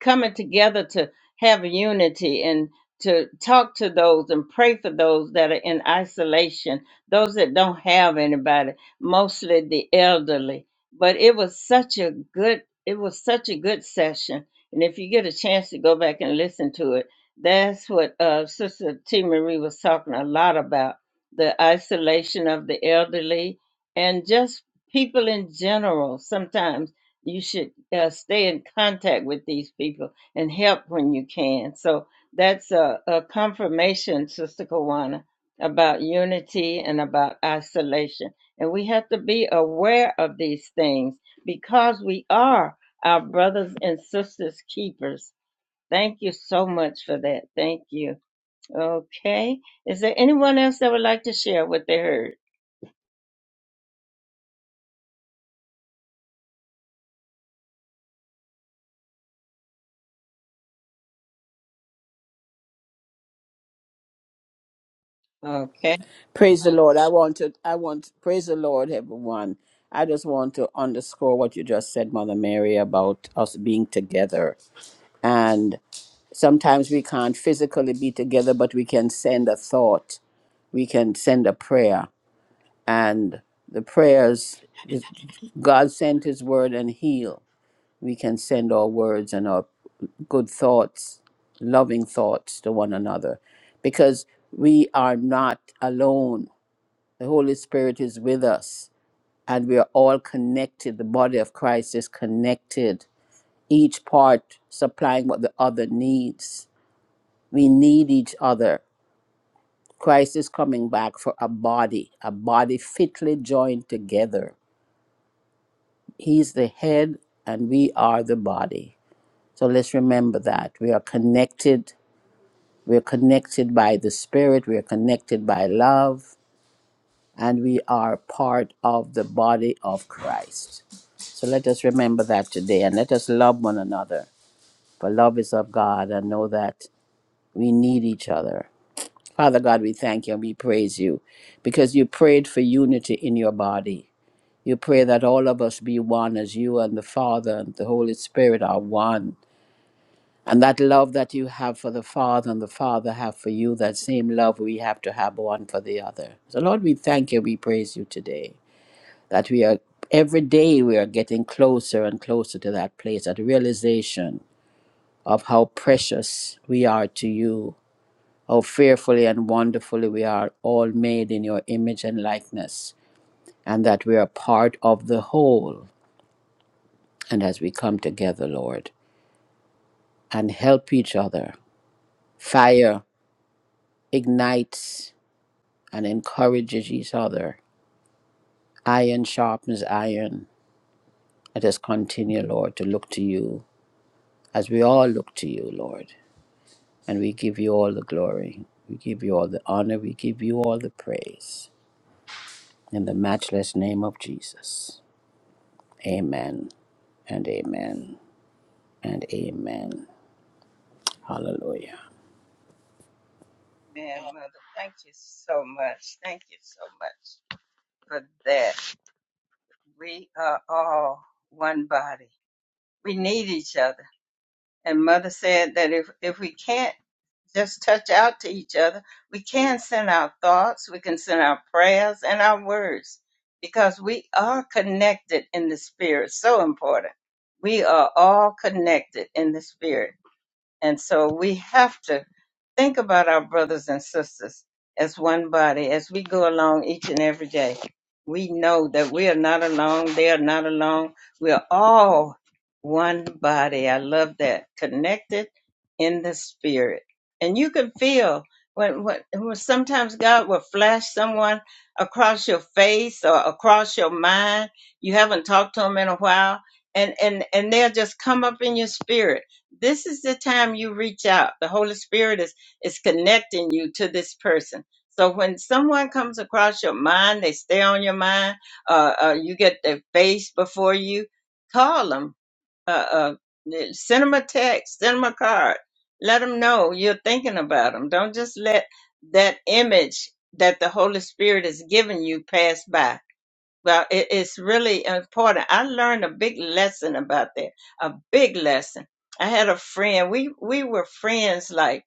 coming together to have unity and to talk to those and pray for those that are in isolation, those that don't have anybody, mostly the elderly. But it was such a good, it was such a good session. And if you get a chance to go back and listen to it, that's what uh, Sister T. Marie was talking a lot about the isolation of the elderly and just people in general sometimes you should uh, stay in contact with these people and help when you can. So that's a, a confirmation, Sister Kawana, about unity and about isolation. And we have to be aware of these things because we are our brothers and sisters keepers. Thank you so much for that. Thank you. Okay. Is there anyone else that would like to share what they heard? Okay.
Praise the Lord. I want to, I want, praise the Lord, everyone. I just want to underscore what you just said, Mother Mary, about us being together. And sometimes we can't physically be together, but we can send a thought, we can send a prayer. And the prayers, God sent his word and heal. We can send our words and our good thoughts, loving thoughts to one another, because we are not alone the Holy Spirit is with us, and we are all connected. The body of Christ is connected, each part supplying what the other needs. We need each other. Christ is coming back for a body, a body fitly joined together. He's the head, and we are the body. So let's remember that. We are connected. We're connected by the Spirit. We are connected by love. And we are part of the body of Christ. So let us remember that today and let us love one another. For love is of God and know that we need each other. Father God, we thank you and we praise you because you prayed for unity in your body. You pray that all of us be one as you and the Father and the Holy Spirit are one. And that love that you have for the Father and the Father have for you, that same love we have to have one for the other. So, Lord, we thank you, we praise you today that we are every day we are getting closer and closer to that place that realization of how precious we are to you how fearfully and wonderfully we are all made in your image and likeness and that we are part of the whole and as we come together lord and help each other fire ignites and encourages each other iron sharpens iron let us continue lord to look to you as we all look to you lord And we give you all the glory. We give you all the honor. We give you all the praise. In the matchless name of Jesus. Amen and amen and amen. Hallelujah.
Man, Mother, thank you so much. Thank you so much. for that. We are all one body. We need each other. And Mother said that if, if we can't just touch out to each other, we can send our thoughts, we can send our prayers and our words because we are connected in the spirit. So important. We are all connected in the spirit. And so we have to think about our brothers and sisters as one body as we go along each and every day. We know that we are not alone. They are not alone. We are all one body. I love that. Connected in the spirit. And you can feel when, when, when sometimes God will flash someone across your face or across your mind. You haven't talked to them in a while. And, and, and they'll just come up in your spirit this is the time you reach out. The Holy Spirit is is connecting you to this person. So when someone comes across your mind, they stay on your mind. Uh, uh, you get their face before you. Call them. Uh, uh, eh, send them a text. Send them a card. Let them know you're thinking about them. Don't just let that image that the Holy Spirit is giving you pass by well, it, it's really important. I learned a big lesson about that. A big lesson. I had a friend. We we were friends like,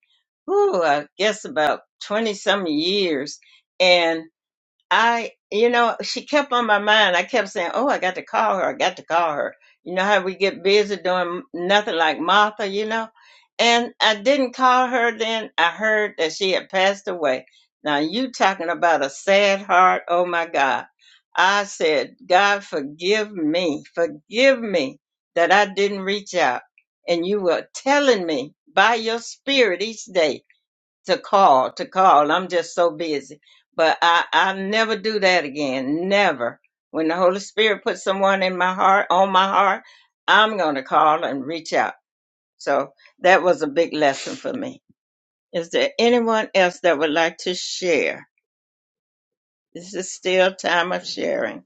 ooh, I guess about twenty some years, and I, you know, she kept on my mind. I kept saying, "Oh, I got to call her. I got to call her." You know how we get busy doing nothing like Martha, you know. And I didn't call her. Then I heard that she had passed away. Now you talking about a sad heart? Oh my God! I said, God, forgive me, forgive me that I didn't reach out. And you were telling me by your spirit each day to call to call. I'm just so busy, but I I never do that again. Never. When the Holy Spirit puts someone in my heart, on my heart, I'm gonna call and reach out. So that was a big lesson for me. Is there anyone else that would like to share? This is still time of sharing.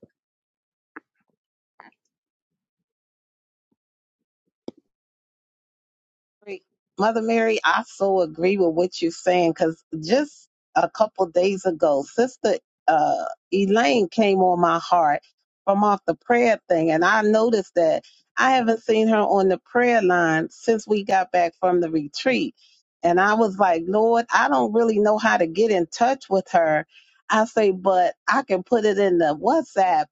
Great. Mother Mary, I so agree with what you're saying because just a couple days ago, Sister uh, Elaine came on my heart from off the prayer thing, and I noticed that I haven't seen her on the prayer line since we got back from the retreat. And I was like, Lord, I don't really know how to get in touch with her. I say, but I can put it in the WhatsApp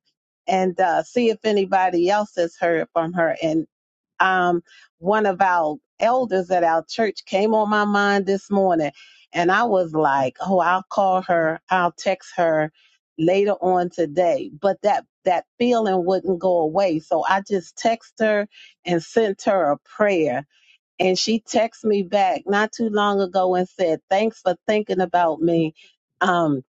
and uh, see if anybody else has heard from her. and um, one of our elders at our church came on my mind this morning, and I was like, "Oh, I'll call her. I'll text her later on today." But that that feeling wouldn't go away, so I just texted her and sent her a prayer, and she texted me back not too long ago and said, "Thanks for thinking about me." Um,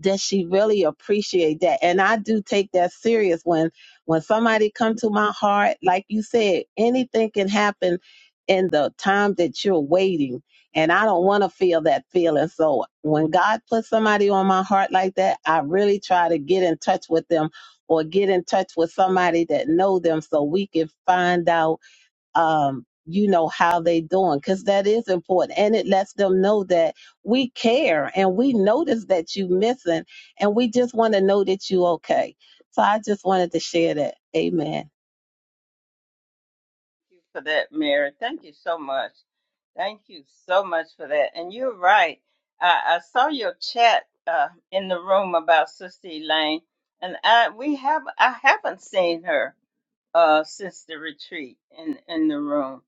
does she really appreciate that and i do take that serious when when somebody come to my heart like you said anything can happen in the time that you're waiting and i don't want to feel that feeling so when god puts somebody on my heart like that i really try to get in touch with them or get in touch with somebody that know them so we can find out um, you know, how they doing, because that is important. And it lets them know that we care and we notice that you missing and we just want to know that you okay. So I just wanted to share that. Amen.
you for that, Mary. Thank you so much. Thank you so much for that. And you're right. I, I saw your chat uh, in the room about Sister Elaine, and I we have I haven't seen her uh, since the retreat in in the room.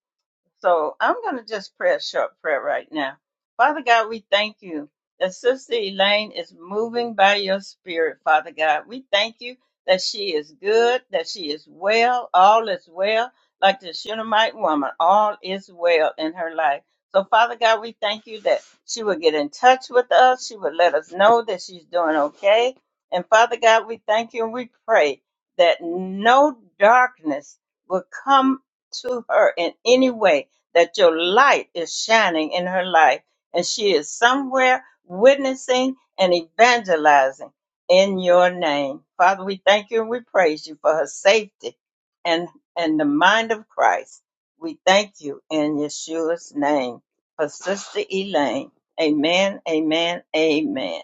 So I'm going to just pray a short prayer right now. Father God, we thank you that Sister Elaine is moving by your spirit, Father God. We thank you that she is good, that she is well, all is well. Like the Shunammite woman, all is well in her life. So, Father God, we thank you that she will get in touch with us. She will let us know that she's doing okay. And Father God, we thank you and we pray that no darkness will come to her in any way that your light is shining in her life and she is somewhere witnessing and evangelizing in your name. Father, we thank you and we praise you for her safety and, and the mind of Christ. We thank you in Yeshua's name for Sister Elaine. Amen, amen, amen.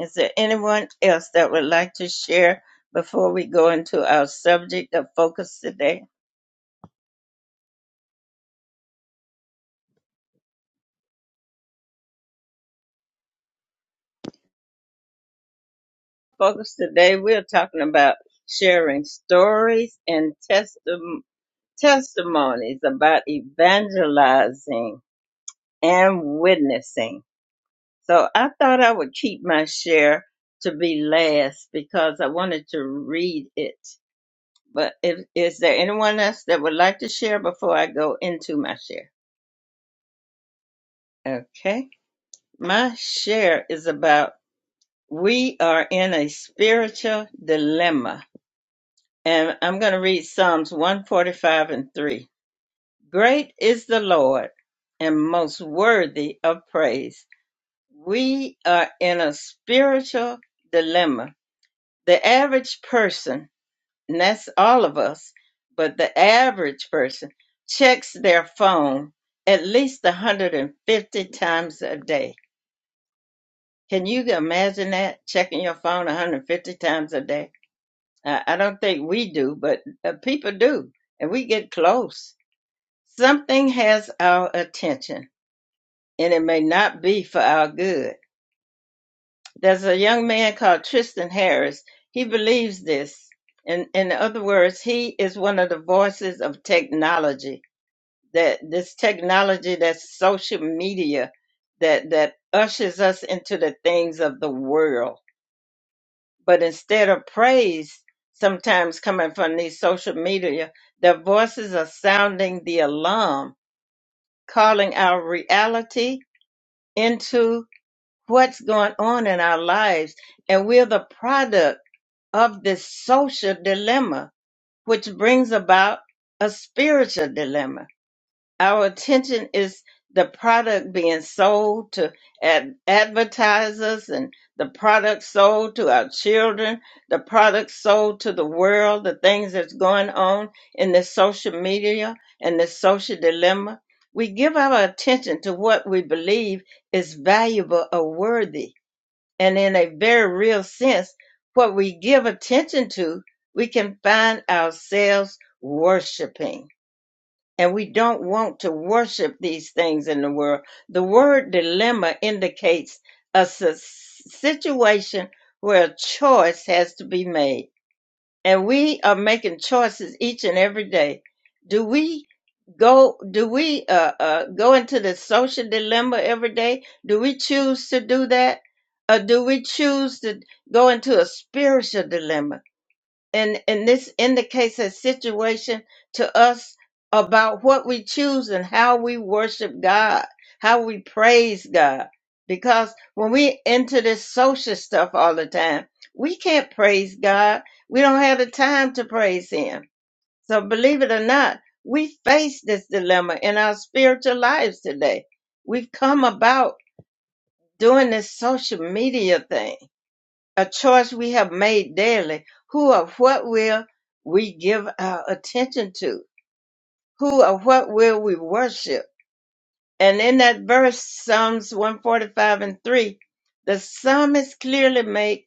Is there anyone else that would like to share before we go into our subject of focus today? Focus today, we're talking about sharing stories and testim- testimonies about evangelizing and witnessing. So I thought I would keep my share to be last because I wanted to read it. But if, is there anyone else that would like to share before I go into my share? Okay. My share is about we are in a spiritual dilemma and I'm going to read Psalms 145 and 3. Great is the Lord and most worthy of praise. We are in a spiritual dilemma. The average person, and that's all of us, but the average person checks their phone at least 150 times a day. Can you imagine that? Checking your phone 150 times a day? I I don't think we do, but uh, people do, and we get close Something has our attention, and it may not be for our good. There's a young man called Tristan Harris. He believes this. In, in other words, he is one of the voices of technology. That this technology, that's social media, that that ushers us into the things of the world. But instead of praise, sometimes coming from these social media, their voices are sounding the alarm, calling our reality into what's going on in our lives. And we're the product of this social dilemma, which brings about a spiritual dilemma. Our attention is the product being sold to ad- advertisers and the product sold to our children, the product sold to the world, the things that's going on in the social media and the social dilemma. We give our attention to what we believe is valuable or worthy. And in a very real sense, what we give attention to, we can find ourselves worshiping and we don't want to worship these things in the world. The word dilemma indicates a si- situation where a choice has to be made. And we are making choices each and every day. Do we go do we uh, uh, go into the social dilemma every day? Do we choose to do that? Or do we choose to go into a spiritual dilemma? and and this indicates a situation to us about what we choose and how we worship God, how we praise God. Because when we enter this social stuff all the time, we can't praise God. We don't have the time to praise Him. So believe it or not, we face this dilemma in our spiritual lives today. We've come about doing this social media thing a choice we have made daily. Who or what will we give our attention to? Who or what will we worship? And in that verse, Psalms 145 and 3, the psalmist clearly made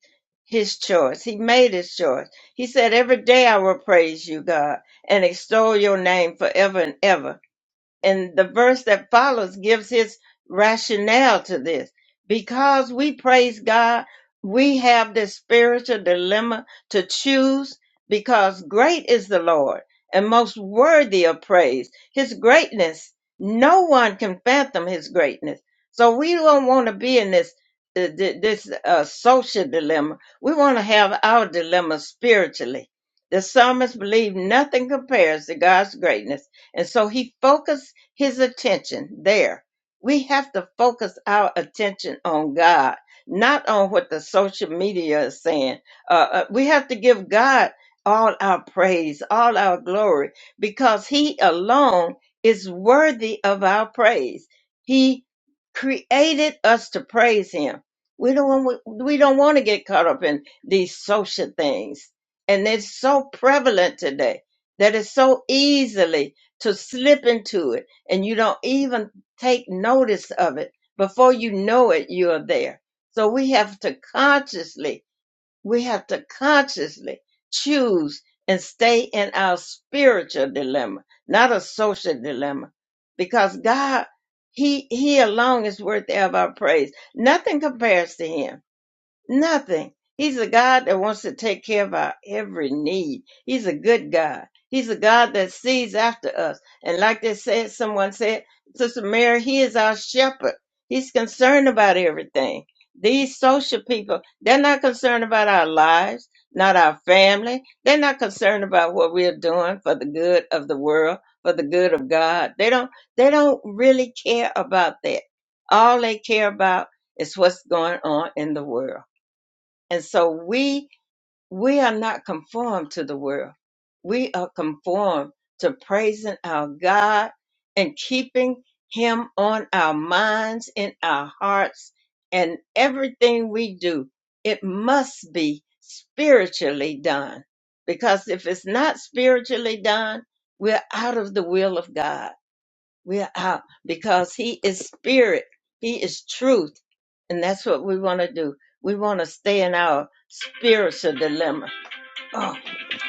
his choice. He made his choice. He said, Every day I will praise you, God, and extol your name forever and ever and the verse that follows gives his rationale to this. Because we praise God, we have this spiritual dilemma to choose because great is the Lord and most worthy of praise. His greatness, no one can fathom his greatness. So we don't want to be in this uh, th- this uh, social dilemma. We want to have our dilemma spiritually. The psalmist believed nothing compares to God's greatness and so he focused his attention there. We have to focus our attention on God, not on what the social media is saying. Uh, uh, we have to give God all our praise, all our glory, because he alone is worthy of our praise. He created us to praise him. We don't want, we don't want to get caught up in these social things. And it's so prevalent today that it's so easily to slip into it and you don't even take notice of it. Before you know it, you're there. So we have to consciously, we have to consciously choose and stay in our spiritual dilemma, not a social dilemma, because God, He, He alone is worthy of our praise. Nothing compares to Him. Nothing. He's a God that wants to take care of our every need. He's a good God. He's a God that sees after us. And like they said, someone said, Sister Mary, He is our shepherd. He's concerned about everything. These social people, they're not concerned about our lives, not our family. They're not concerned about what we're doing for the good of the world, for the good of God. They don't they don't really care about that. All they care about is what's going on in the world and so we we are not conformed to the world. We are conformed to praising our God and keeping him on our minds, in our hearts, and everything we do, it must be spiritually done. Because if it's not spiritually done, we're out of the will of God we are out because He is spirit. He is truth. And that's what we want to do. We want to stay in our spiritual dilemma. Oh,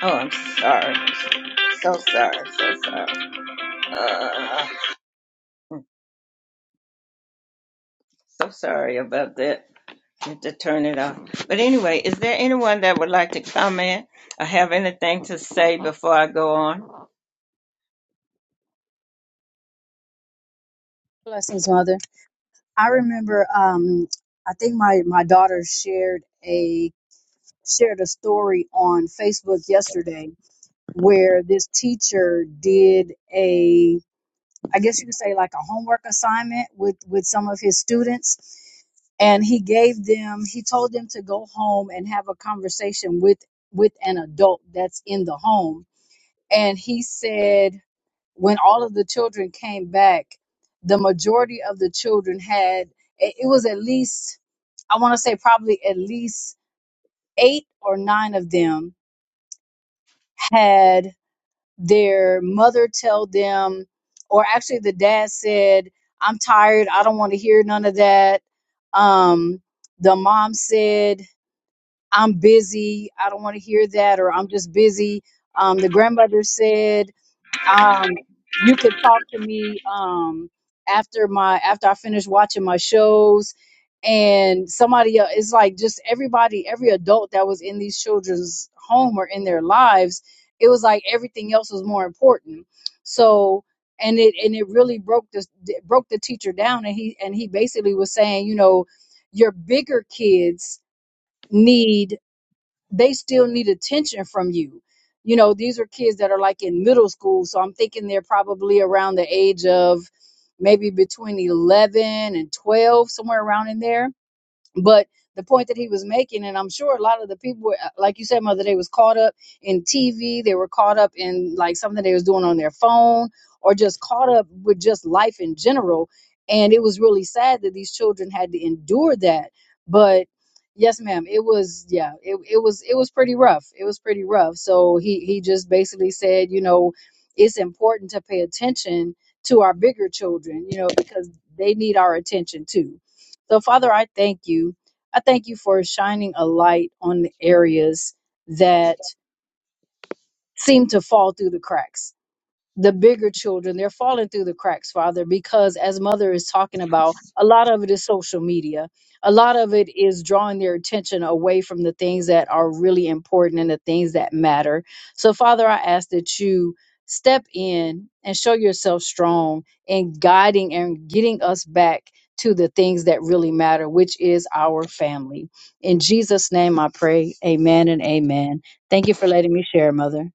oh, I'm sorry. So sorry. So sorry. Uh, so sorry about that. Need to turn it off. But anyway, is there anyone that would like to comment or have anything to say before I go on?
Blessings, Mother. I remember, um, I think my, my daughter shared a shared a story on Facebook yesterday where this teacher did a, I guess you could say like a homework assignment with with some of his students, and he gave them, he told them to go home and have a conversation with with an adult that's in the home, and he said when all of the children came back, the majority of the children had it it was at least I want to say probably at least eight or nine of them had their mother tell them, or actually the dad said, "I'm tired. I don't want to hear none of that." Um, the mom said, "I'm busy. I don't want to hear that," or "I'm just busy." Um, the grandmother said Um, you could talk to me um after my after I finish watching my shows and somebody else it's like just everybody, every adult that was in these children's home or in their lives, it was like everything else was more important. So and it and it really broke this it broke the teacher down and he and he basically was saying, you know, your bigger kids need they still need attention from you. You know, these are kids that are like in middle school. So I'm thinking they're probably around the age of maybe between 11 and 12, somewhere around in there but the point that he was making and i'm sure a lot of the people were uh, like you said mother they was caught up in tv they were caught up in like something they was doing on their phone or just caught up with just life in general and it was really sad that these children had to endure that but yes ma'am it was yeah it, it was it was pretty rough it was pretty rough so he he just basically said you know it's important to pay attention to our bigger children you know because they need our attention too so, Father, I thank you. I thank you for shining a light on the areas that seem to fall through the cracks the bigger children they're falling through the cracks father because as mother is talking about a lot of it is social media a lot of it is drawing their attention away from the things that are really important and the things that matter so father i ask that you step in and show yourself strong in guiding and getting us back to the things that really matter which is our family in jesus name i pray amen and amen thank you for letting me share mother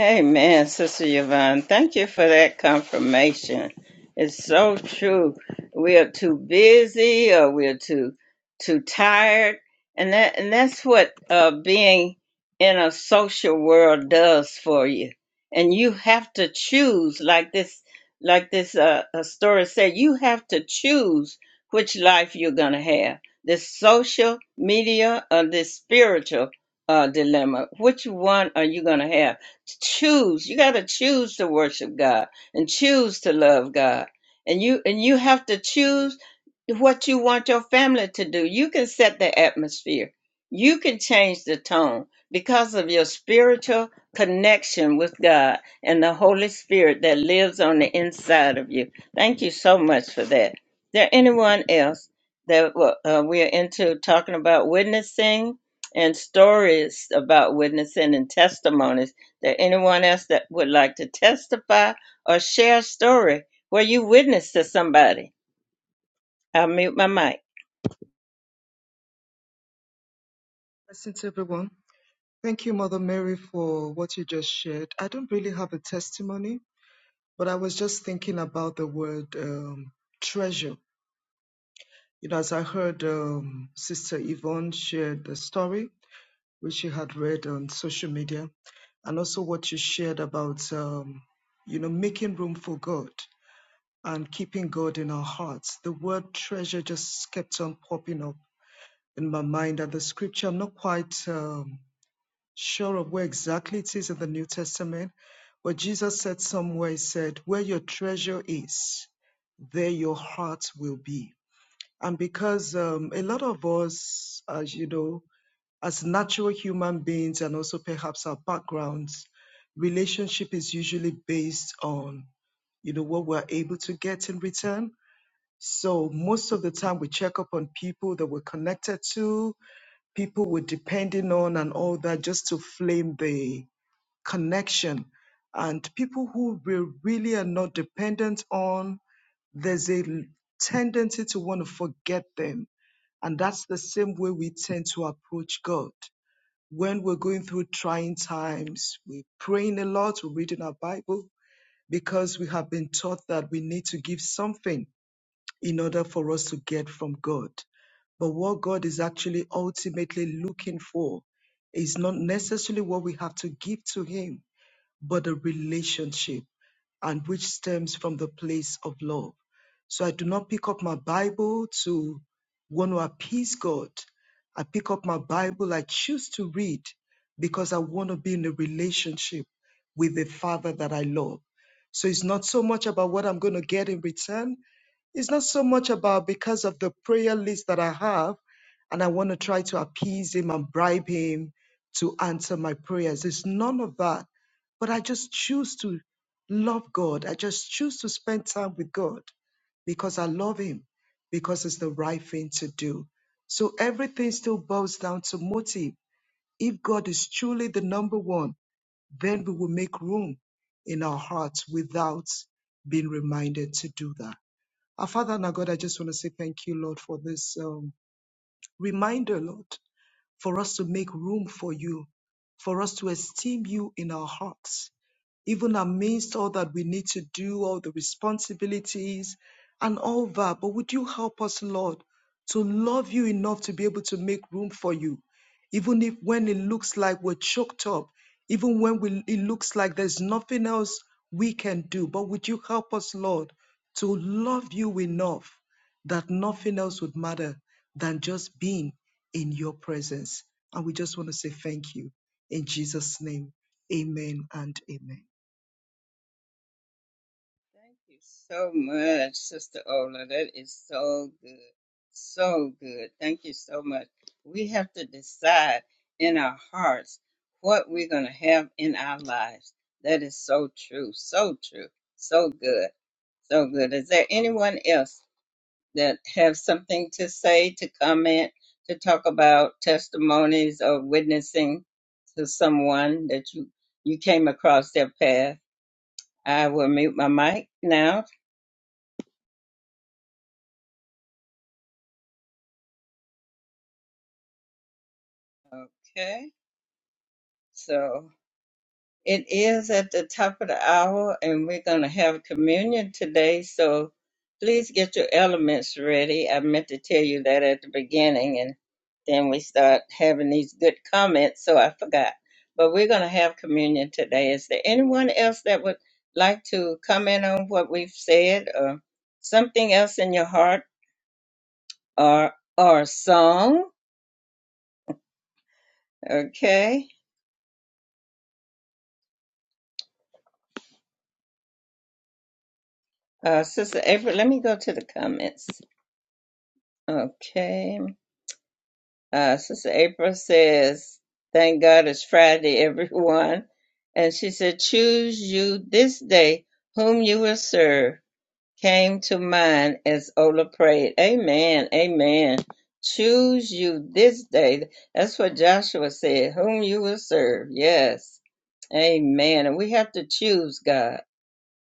Amen, Sister Yvonne. Thank you for that confirmation. It's so true. We are too busy or we are too too tired. And that and that's what uh being in a social world does for you. And you have to choose, like this like this uh, uh, story said, you have to choose which life you're gonna have. This social media or this spiritual uh, dilemma. Which one are you gonna have? choose you got to choose to worship god and choose to love god and you and you have to choose what you want your family to do you can set the atmosphere you can change the tone because of your spiritual connection with god and the holy spirit that lives on the inside of you thank you so much for that there anyone else that well, uh, we're into talking about witnessing and stories about witnessing and testimonies there anyone else that would like to testify or share a story where you witnessed to somebody? I'll mute my mic.
Blessings, everyone. Thank you, Mother Mary, for what you just shared. I don't really have a testimony, but I was just thinking about the word um, treasure. You know, as I heard um, Sister Yvonne share the story, which she had read on social media, and also what you shared about, um, you know, making room for God and keeping God in our hearts. The word treasure just kept on popping up in my mind, and the scripture, I'm not quite. Um, sure of where exactly it is in the New Testament, but Jesus said somewhere, He said, Where your treasure is, there your heart will be. And because um, a lot of us, as you know, as natural human beings and also perhaps our backgrounds, relationship is usually based on, you know, what we're able to get in return. So most of the time we check up on people that we're connected to, people we're depending on and all that just to flame the connection and people who we really are not dependent on, there's a tendency to want to forget them. And that's the same way we tend to approach God. When we're going through trying times, we're praying a lot, we're reading our Bible, because we have been taught that we need to give something in order for us to get from God. But what God is actually ultimately looking for is not necessarily what we have to give to Him but a relationship and which stems from the place of love. So I do not pick up my Bible to want to appease God. I pick up my Bible, I choose to read because I want to be in a relationship with the Father that I love. So it's not so much about what I'm going to get in return, it's not so much about because of the prayer list that I have, and I want to try to appease him and bribe him to answer my prayers. It's none of that. But I just choose to love God. I just choose to spend time with God because I love him, because it's the right thing to do. So everything still boils down to motive. If God is truly the number one, then we will make room in our hearts without being reminded to do that. Our Father and our God, I just want to say thank you, Lord, for this um, reminder, Lord for us to make room for you, for us to esteem you in our hearts, even amidst all that we need to do, all the responsibilities and all that. But would you help us, Lord, to love you enough to be able to make room for you, even if when it looks like we're choked up, even when we, it looks like there's nothing else we can do. But would you help us, Lord, to love you enough that nothing else would matter than just being in your presence. And we just want to say thank you in Jesus' name. Amen and amen.
Thank you so much, Sister Ola. That is so good. So good. Thank you so much. We have to decide in our hearts what we're going to have in our lives. That is so true. So true. So good. So good. Is there anyone else? that have something to say, to comment, to talk about testimonies or witnessing to someone that you, you came across their path. I will mute my mic now. Okay. So. It is at the top of the hour, and we're going to have communion today. So please get your elements ready. I meant to tell you that at the beginning, and then we start having these good comments, so I forgot. But we're going to have communion today. Is there anyone else that would like to comment on what we've said, or something else in your heart, or or a song? Okay, uh, Sister April, let me go to the comments. Okay. Uh, Sister April says, Thank God it's Friday, everyone. And she said, Choose you this day whom you will serve came to mind as Ola prayed. Amen. Amen. Choose you this day. That's what Joshua said, whom you will serve. Yes. Amen. And we have to choose God.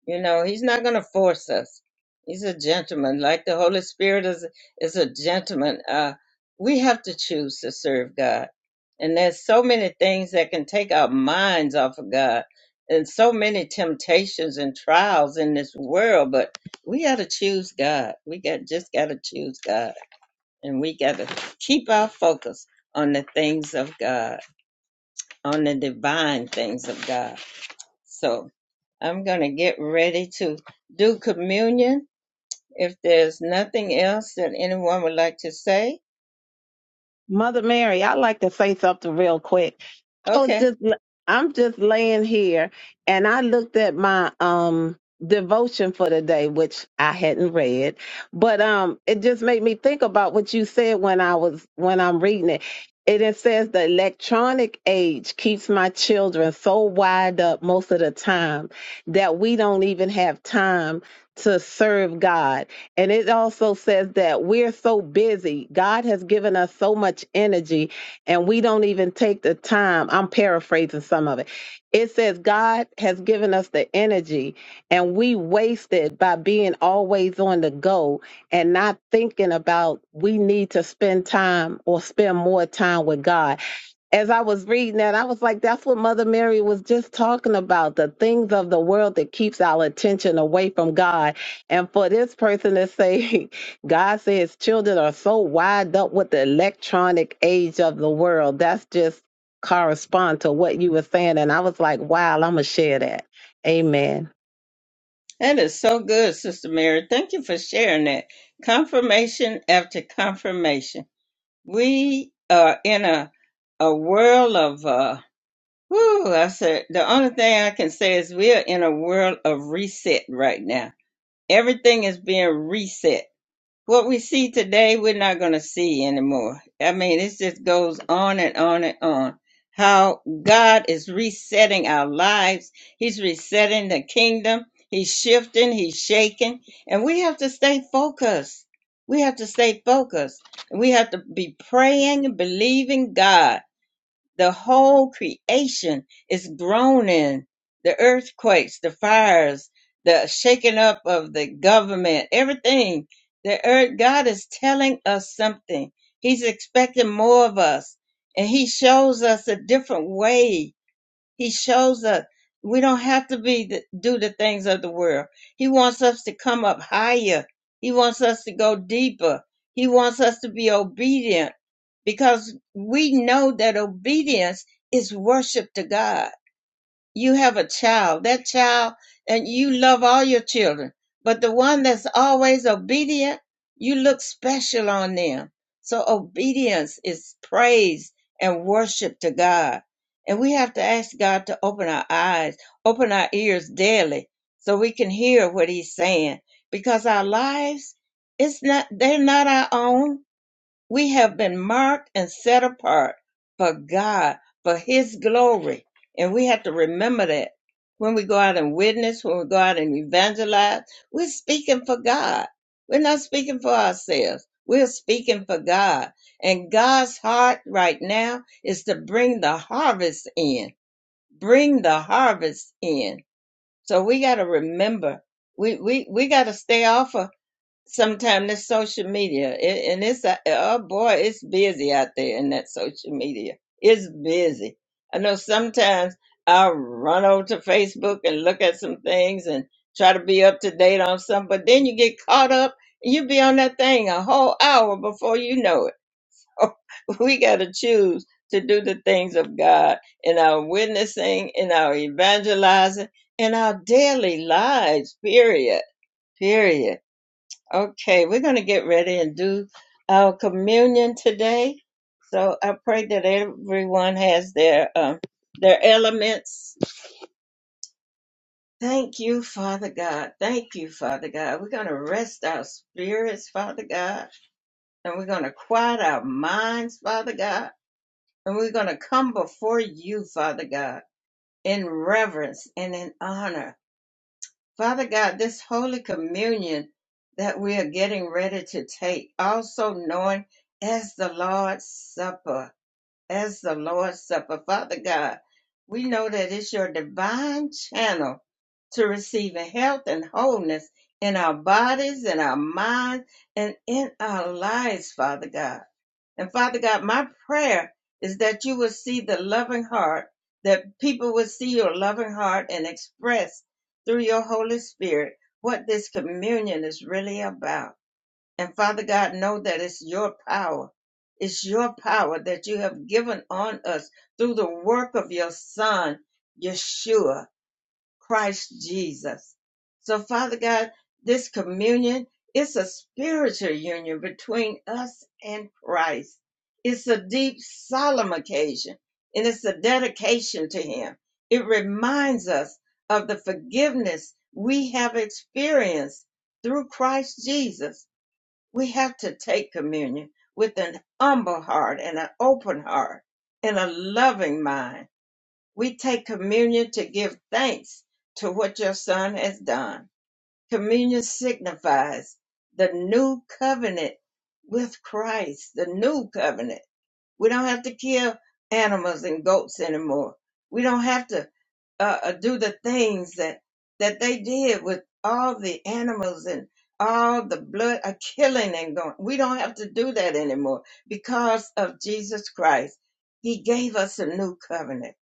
You know, he's not going to force us. He's a gentleman, like the Holy Spirit is is a gentleman. Uh, we have to choose to serve God, and there's so many things that can take our minds off of God, and so many temptations and trials in this world. But we got to choose God. We got just got to choose God, and we got to keep our focus on the things of God, on the divine things of God. So. I'm going to get ready to do communion. If there's nothing else that anyone would like to say,
Mother Mary, I'd like to say something real quick. I was
okay.
just I'm just laying here and I looked at my um devotion for the day, which I hadn't read. But um it just made me think about what you said when I was when I'm reading it. It, it says the electronic age keeps my children so wired up most of the time that we don't even have time to serve God and it also says that we're so busy. God has given us so much energy, and we don't even take the time. I'm paraphrasing some of it. It says, God has given us the energy, and we waste it by being always on the go and not thinking about we need to spend time or spend more time with God as I was reading that, I was like, that's what Mother Mary was just talking about the things of the world that keeps our attention away from God. And for this person to say, God says children are so wired up with the electronic age of the world, that's just correspond to what you were saying. And I was like, wow, I'm going to share that. Amen.
That is so good, Sister Mary. Thank you for sharing that. Confirmation after confirmation. We are in a a world of uh whoo, I said the only thing I can say is we are in a world of reset right now. Everything is being reset what we see today, we're not going to see anymore. I mean, it just goes on and on and on. How God is resetting our lives, He's resetting the kingdom, He's shifting, He's shaking, and we have to stay focused. We have to stay focused. And We have to be praying, and believing God the whole creation is groaning. The earthquakes, the fires, the shaking up of the government, everything. The earth, God is telling us something. He's expecting more of us. And he shows us a different way he shows us we don't have to be the, do the things of the world. He wants us to come up higher. He wants us to go deeper. He wants us to be obedient because we know that obedience is worship to God you have a child, that child, and you love all your children, but the one that's always obedient, you look special on them. So obedience is praise and worship to God. And we have to ask God to open our eyes, open our ears daily so we can hear what he's saying because our lives, it's not, they're not our own we have been marked and set apart for God, for His glory. And we have to remember that when we go out and witness, when we go out and evangelize, we're speaking for God. We're not speaking for ourselves. We're speaking for God. And God's heart right now is to bring the harvest in. Bring the harvest in. So we got to remember, we, we, we got to stay off of Sometimes this social media, it, and it's a, oh boy, it's busy out there in that social media. It's busy. I know sometimes I'll run over to Facebook and look at some things and try to be up to date on something, but then you get caught up and you be on that thing a whole hour before you know it. we got to choose to do the things of God in our witnessing, in our evangelizing, in our daily lives, period, period Okay, we're going to get ready and do our communion today. So I pray that everyone has their um, their elements. Thank you, Father God. Thank you, Father God. We're going to rest our spirits, Father God, and we're going to quiet our minds, Father God, and we're going to come before you, Father God, in reverence and in honor. Father God, this Holy Communion that we are getting ready to take, also known as the Lord's Supper as the Lord's Supper. Father God, we know that it's your divine channel to receiving health and wholeness in our bodies, in our minds, and in our lives, Father God. And Father God, my prayer is that you will see the loving heart, that people will see your loving heart and express through your Holy Spirit what this communion is really about. And Father God, know that it's your power. It's your power that you have given on us through the work of your Son, Yeshua, Christ Jesus. So, Father God, this communion is a spiritual union between us and Christ. It's a deep, solemn occasion, and it's a dedication to Him. It reminds us of the forgiveness we have experienced through Christ Jesus we have to take communion with an humble heart and an open heart and a loving mind. We take communion to give thanks to what your son has done. Communion signifies the new covenant with Christ, the new covenant we don't have to kill animals and goats anymore. We don't have to uh, uh, do the things that that they did with all the animals and all the blood uh, killing and going. We don't have to do that anymore because of Jesus Christ. He gave us a new covenant.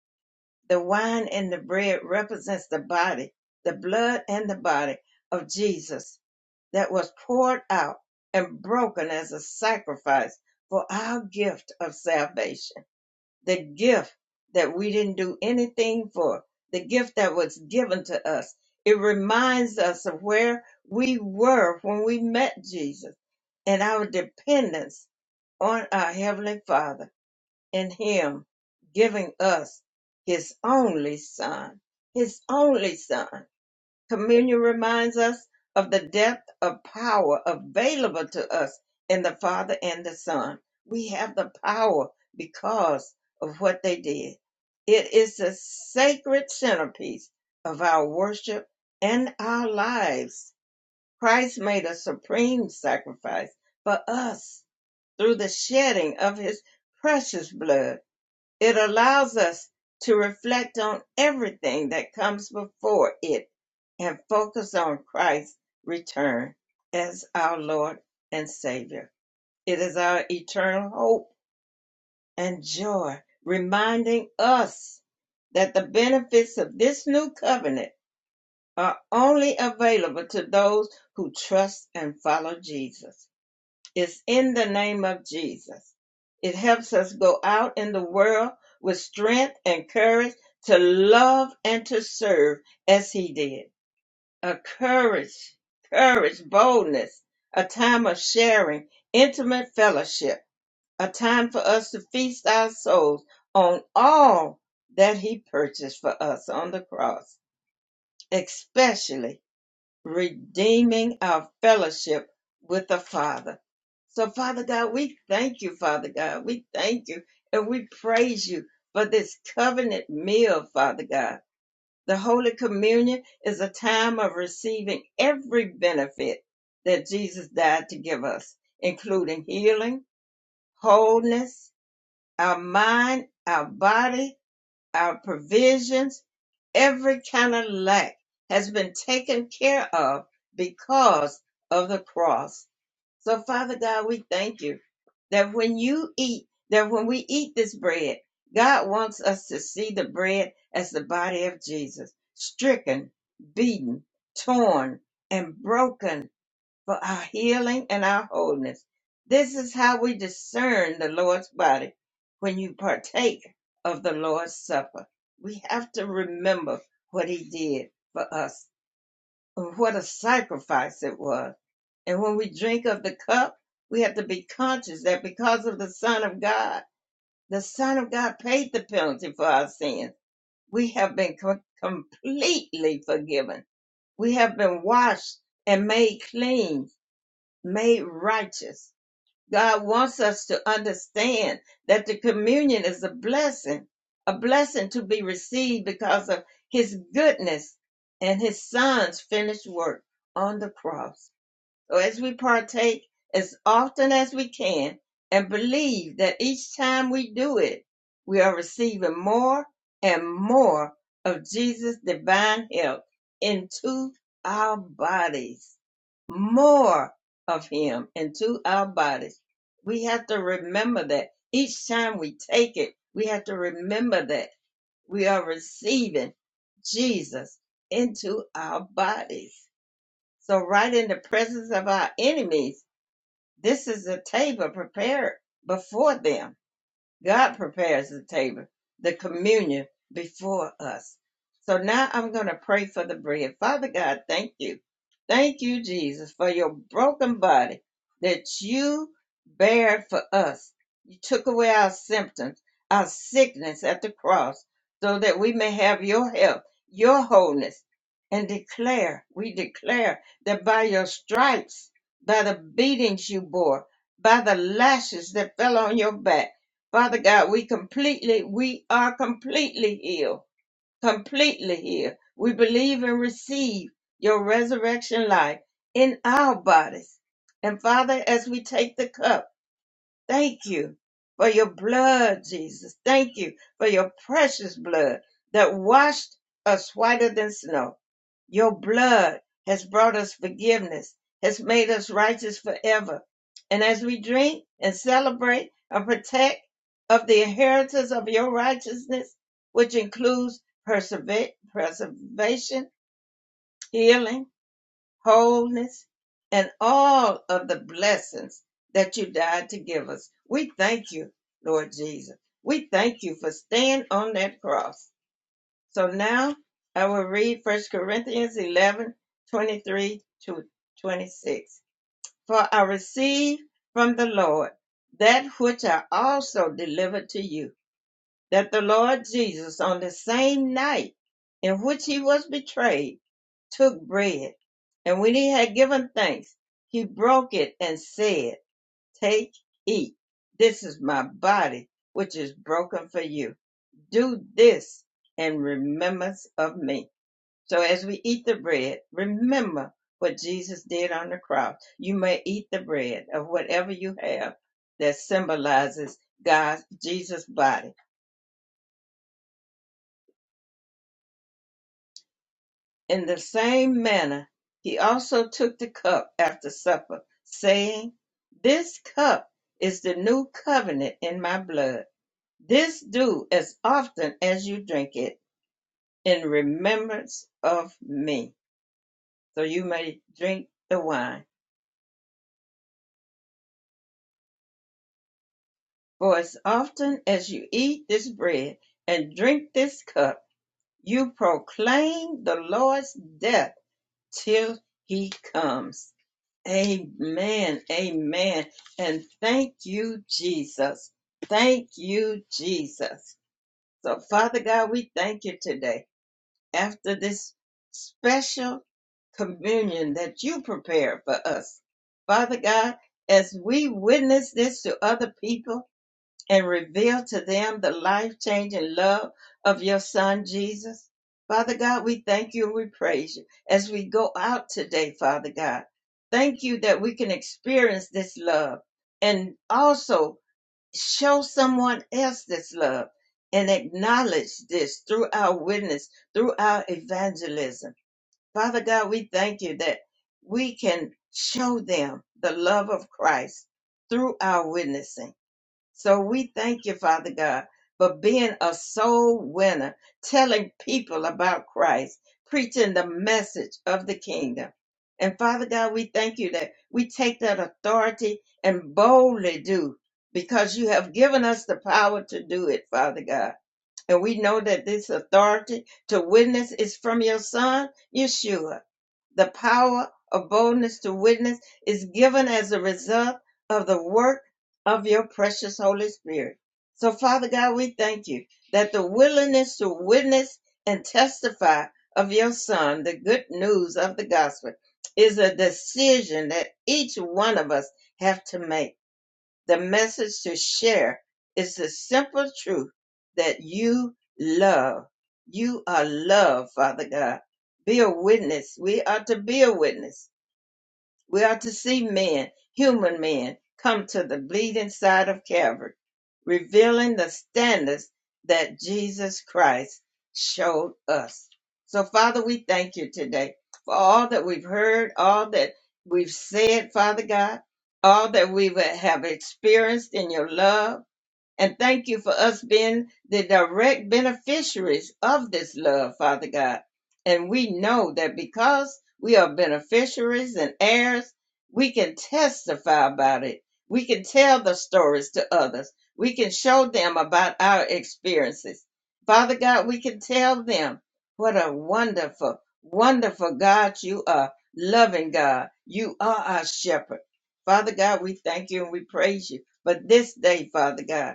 The wine and the bread represents the body, the blood and the body of Jesus that was poured out and broken as a sacrifice for our gift of salvation. The gift that we didn't do anything for, the gift that was given to us. It reminds us of where we were when we met Jesus and our dependence on our Heavenly Father and Him giving us His only Son. His only Son. Communion reminds us of the depth of power available to us in the Father and the Son. We have the power because of what they did. It is the sacred centerpiece of our worship and our lives. Christ made a supreme sacrifice for us through the shedding of his precious blood it allows us to reflect on everything that comes before it and focus on Christ's return as our Lord and Savior. It is our eternal hope and joy, reminding us that the benefits of this new covenant are only available to those who trust and follow Jesus is in the name of Jesus. It helps us go out in the world with strength and courage to love and to serve as he did. A courage, courage, boldness, a time of sharing, intimate fellowship, a time for us to feast our souls on all that he purchased for us on the cross, especially redeeming our fellowship with the Father. So, Father God, we thank you, Father God. We thank you and we praise you for this covenant meal, Father God. The Holy Communion is a time of receiving every benefit that Jesus died to give us, including healing, wholeness, our mind, our body, our provisions, every kind of lack has been taken care of because of the cross. So, Father God, we thank you that when you eat, that when we eat this bread, God wants us to see the bread as the body of Jesus, stricken, beaten, torn, and broken for our healing and our wholeness. This is how we discern the Lord's body when you partake of the Lord's Supper. We have to remember what He did for us, and what a sacrifice it was. And when we drink of the cup, we have to be conscious that because of the Son of God, the Son of God paid the penalty for our sins. We have been co- completely forgiven. We have been washed and made clean made righteous. God wants us to understand that the communion is a blessing, a blessing to be received because of his goodness and his son's finished work on the cross. So as we partake as often as we can and believe that each time we do it, we are receiving more and more of Jesus' divine help into our bodies more of him into our bodies. We have to remember that each time we take it, we have to remember that we are receiving Jesus into our bodies. So right in the presence of our enemies, this is a table prepared before them God prepares the table, the communion before us. So now I'm going to pray for the bread. Father God, thank you. Thank you, Jesus, for your broken body that you bared for us. You took away our symptoms, our sickness at the cross, so that we may have your health, your wholeness, and declare, we declare that by your stripes, by the beatings you bore, by the lashes that fell on your back, Father God, we completely, we are completely healed. Completely healed. We believe and receive your resurrection life in our bodies. And Father, as we take the cup, thank you for your blood, Jesus. Thank you for your precious blood that washed us whiter than snow. Your blood has brought us forgiveness, has made us righteous forever. And as we drink and celebrate and protect of the inheritance of your righteousness, which includes preserva- preservation, healing, wholeness, and all of the blessings that you died to give us, we thank you, Lord Jesus. We thank you for staying on that cross so now I will read First Corinthians 11 23 to 26. For I received from the Lord that which I also delivered to you, that the Lord Jesus, on the same night in which he was betrayed, took bread. And when he had given thanks, he broke it and said, Take, eat. This is my body, which is broken for you. Do this in remembrance of me. So as we eat the bread, remember what Jesus did on the cross. You may eat the bread of whatever you have that symbolizes God's Jesus' body. In the same manner, he also took the cup after supper, saying, This cup is the new covenant in my blood. This do as often as you drink it in remembrance of me. So you may drink the wine For as often as you eat this bread and drink this cup, you proclaim the Lord's death till he comes. Amen. Amen. And thank you, Jesus. Thank you, Jesus. So, Father God, we thank you today after this special communion that you prepared for us. Father God, as we witness this to other people, and reveal to them the life changing love of your son, Jesus. Father God, we thank you and we praise you as we go out today, Father God. Thank you that we can experience this love and also show someone else this love and acknowledge this through our witness, through our evangelism. Father God, we thank you that we can show them the love of Christ through our witnessing. So we thank you, Father God, for being a soul winner, telling people about Christ, preaching the message of the kingdom. And Father God, we thank you that we take that authority and boldly do because you have given us the power to do it, Father God. And we know that this authority to witness is from your son, Yeshua the power of boldness to witness is given as a result of the work of your precious Holy Spirit. So, Father God, we thank you that the willingness to witness and testify of your Son, the good news of the gospel, is a decision that each one of us have to make the message to share is the simple truth that you love. You are loved, Father God. Be a witness. We are to be a witness. We are to see men, human men, come to the bleeding side of Calvary, revealing the standards that Jesus Christ showed us. So, Father, we thank you today for all that we've heard, all that we've said, Father God, all that we have experienced in your love and thank you for us being the direct beneficiaries of this love, Father God. And we know that because we are beneficiaries and heirs, we can testify about it. We can tell the stories to others. We can show them about our experiences. Father God, we can tell them what a wonderful, wonderful God you are, loving God. You are our shepherd. Father God, we thank you and we praise you for this day, Father God.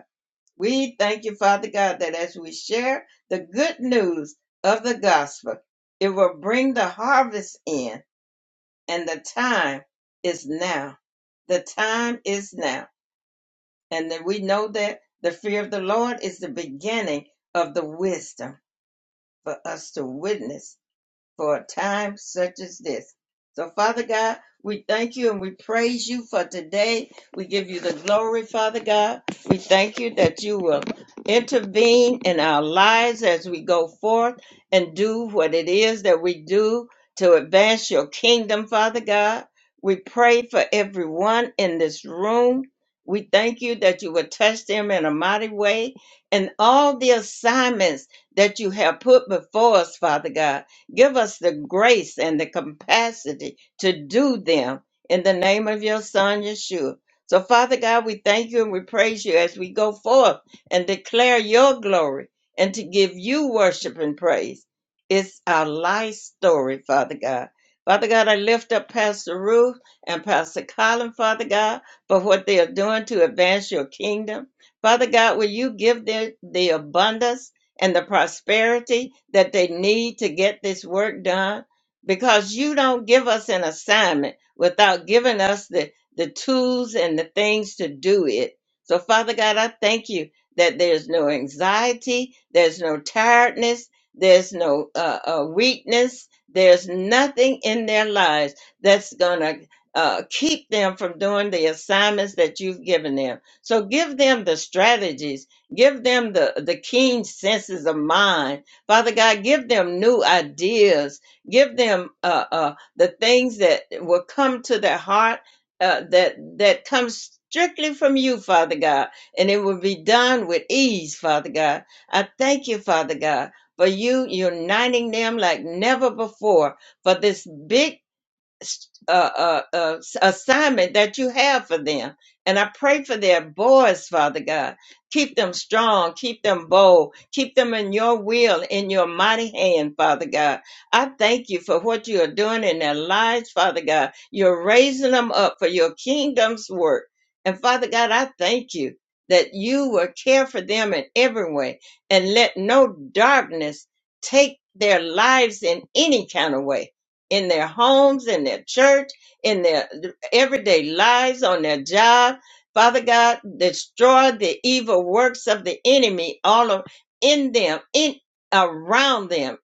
We thank you, Father God, that as we share the good news of the gospel, it will bring the harvest in, and the time is now. The time is now. And that we know that the fear of the Lord is the beginning of the wisdom for us to witness for a time such as this. So, Father God, we thank you and we praise you for today. We give you the glory, Father God. We thank you that you will intervene in our lives as we go forth and do what it is that we do to advance your kingdom, Father God. We pray for everyone in this room. We thank you that you will touch them in a mighty way and all the assignments that you have put before us, Father God. Give us the grace and the capacity to do them in the name of your Son, Yeshua. So, Father God, we thank you and we praise you as we go forth and declare your glory and to give you worship and praise. It's our life story, Father God. Father God, I lift up Pastor Ruth and Pastor Colin, Father God, for what they are doing to advance your kingdom. Father God, will you give them the abundance? and the prosperity that they need to get this work done because you don't give us an assignment without giving us the, the tools and the things to do it. So, Father God, I thank you that there's no anxiety, there's no tiredness, there's no uh, uh, weakness, there's nothing in their lives that's going to uh, keep them from doing the assignments that you've given them. So, give them the strategies Give them the, the keen senses of mind. Father God, give them new ideas. Give them uh, uh, the things that will come to their heart uh, that, that comes strictly from you, Father God, and it will be done with ease, Father God. I thank you, Father God, for you uniting them like never before for this big uh, uh, uh, assignment that you have for them. And I pray for their boys, Father God. Keep them strong, keep them bold, keep them in your will, in your mighty hand, Father God. I thank you for what you are doing in their lives, Father God. You're raising them up for your kingdom's work. And Father God, I thank you that you will care for them in every way and let no darkness take their lives in any kind of way in their homes, in their church, in their everyday lives, on their job. Father God, destroy the evil works of the enemy all of, in them, in around them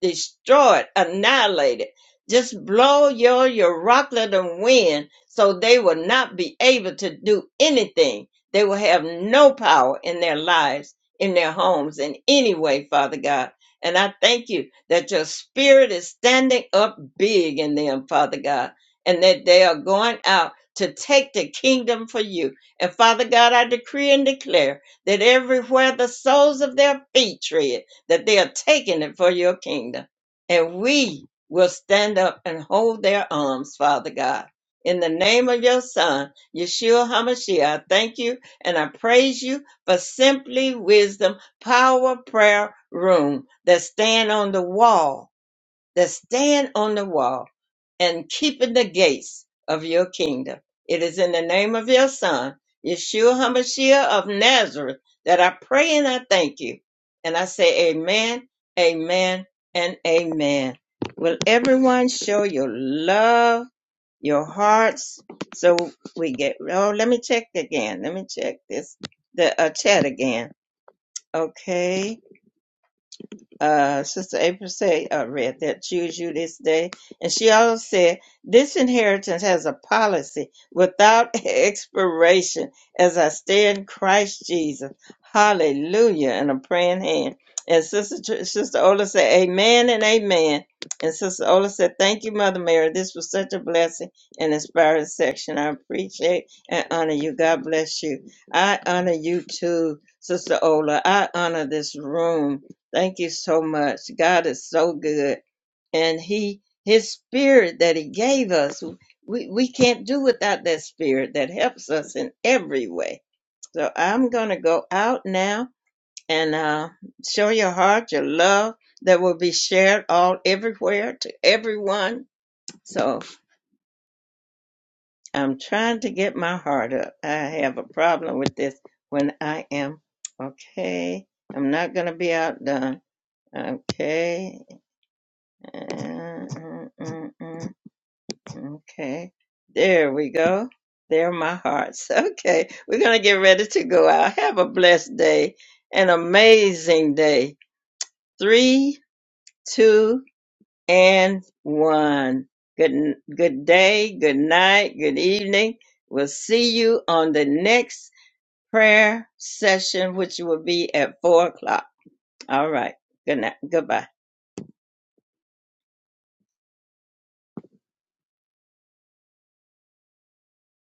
destroyed, annihilated. Just blow your, your rocklet and wind so they will not be able to do anything. They will have no power in their lives, in their homes, in any way, Father God. And I thank you that your spirit is standing up big in them, Father God, and that they are going out to take the kingdom for you. And Father God, I decree and declare that everywhere the soles of their feet tread, that they are taking it for your kingdom. And we will stand up and hold their arms, Father God. In the name of your son, Yeshua HaMashiach, I thank you and I praise you for simply wisdom, power, prayer, room that stand on the wall, that stand on the wall and keeping the gates of your kingdom. It is in the name of your son, Yeshua HaMashiach of Nazareth, that I pray and I thank you. And I say amen, amen, and amen. Will everyone show your love, your hearts? So we get, oh, let me check again. Let me check this, the uh, chat again. Okay uh, Sister April said, uh, read that choose you this day. And she also said, this inheritance has a policy without expiration as I stay in Christ Jesus. Hallelujah. And a praying hand. And Sister, Tr- Sister Ola said, amen and amen. And Sister Ola said, thank you, Mother Mary. This was such a blessing and inspiring section. I appreciate and honor you. God bless you. I honor you too, Sister Ola. I honor this room. Thank you so much. God is so good. And he his spirit that he gave us, we, we can't do without that spirit that helps us in every way. So I'm gonna go out now and uh, show your heart, your love that will be shared all everywhere to everyone. So I'm trying to get my heart up. I have a problem with this when I am okay. I'm not gonna be outdone. Okay. Uh, uh, uh, uh, Okay. There we go. There are my hearts. Okay. We're going to get ready to go out. Have a blessed day. An amazing day. Three, two, and one. Good, n- good day. Good night. Good evening. We'll see you on the next prayer session, which will be at four o'clock. All right. Good night. Goodbye.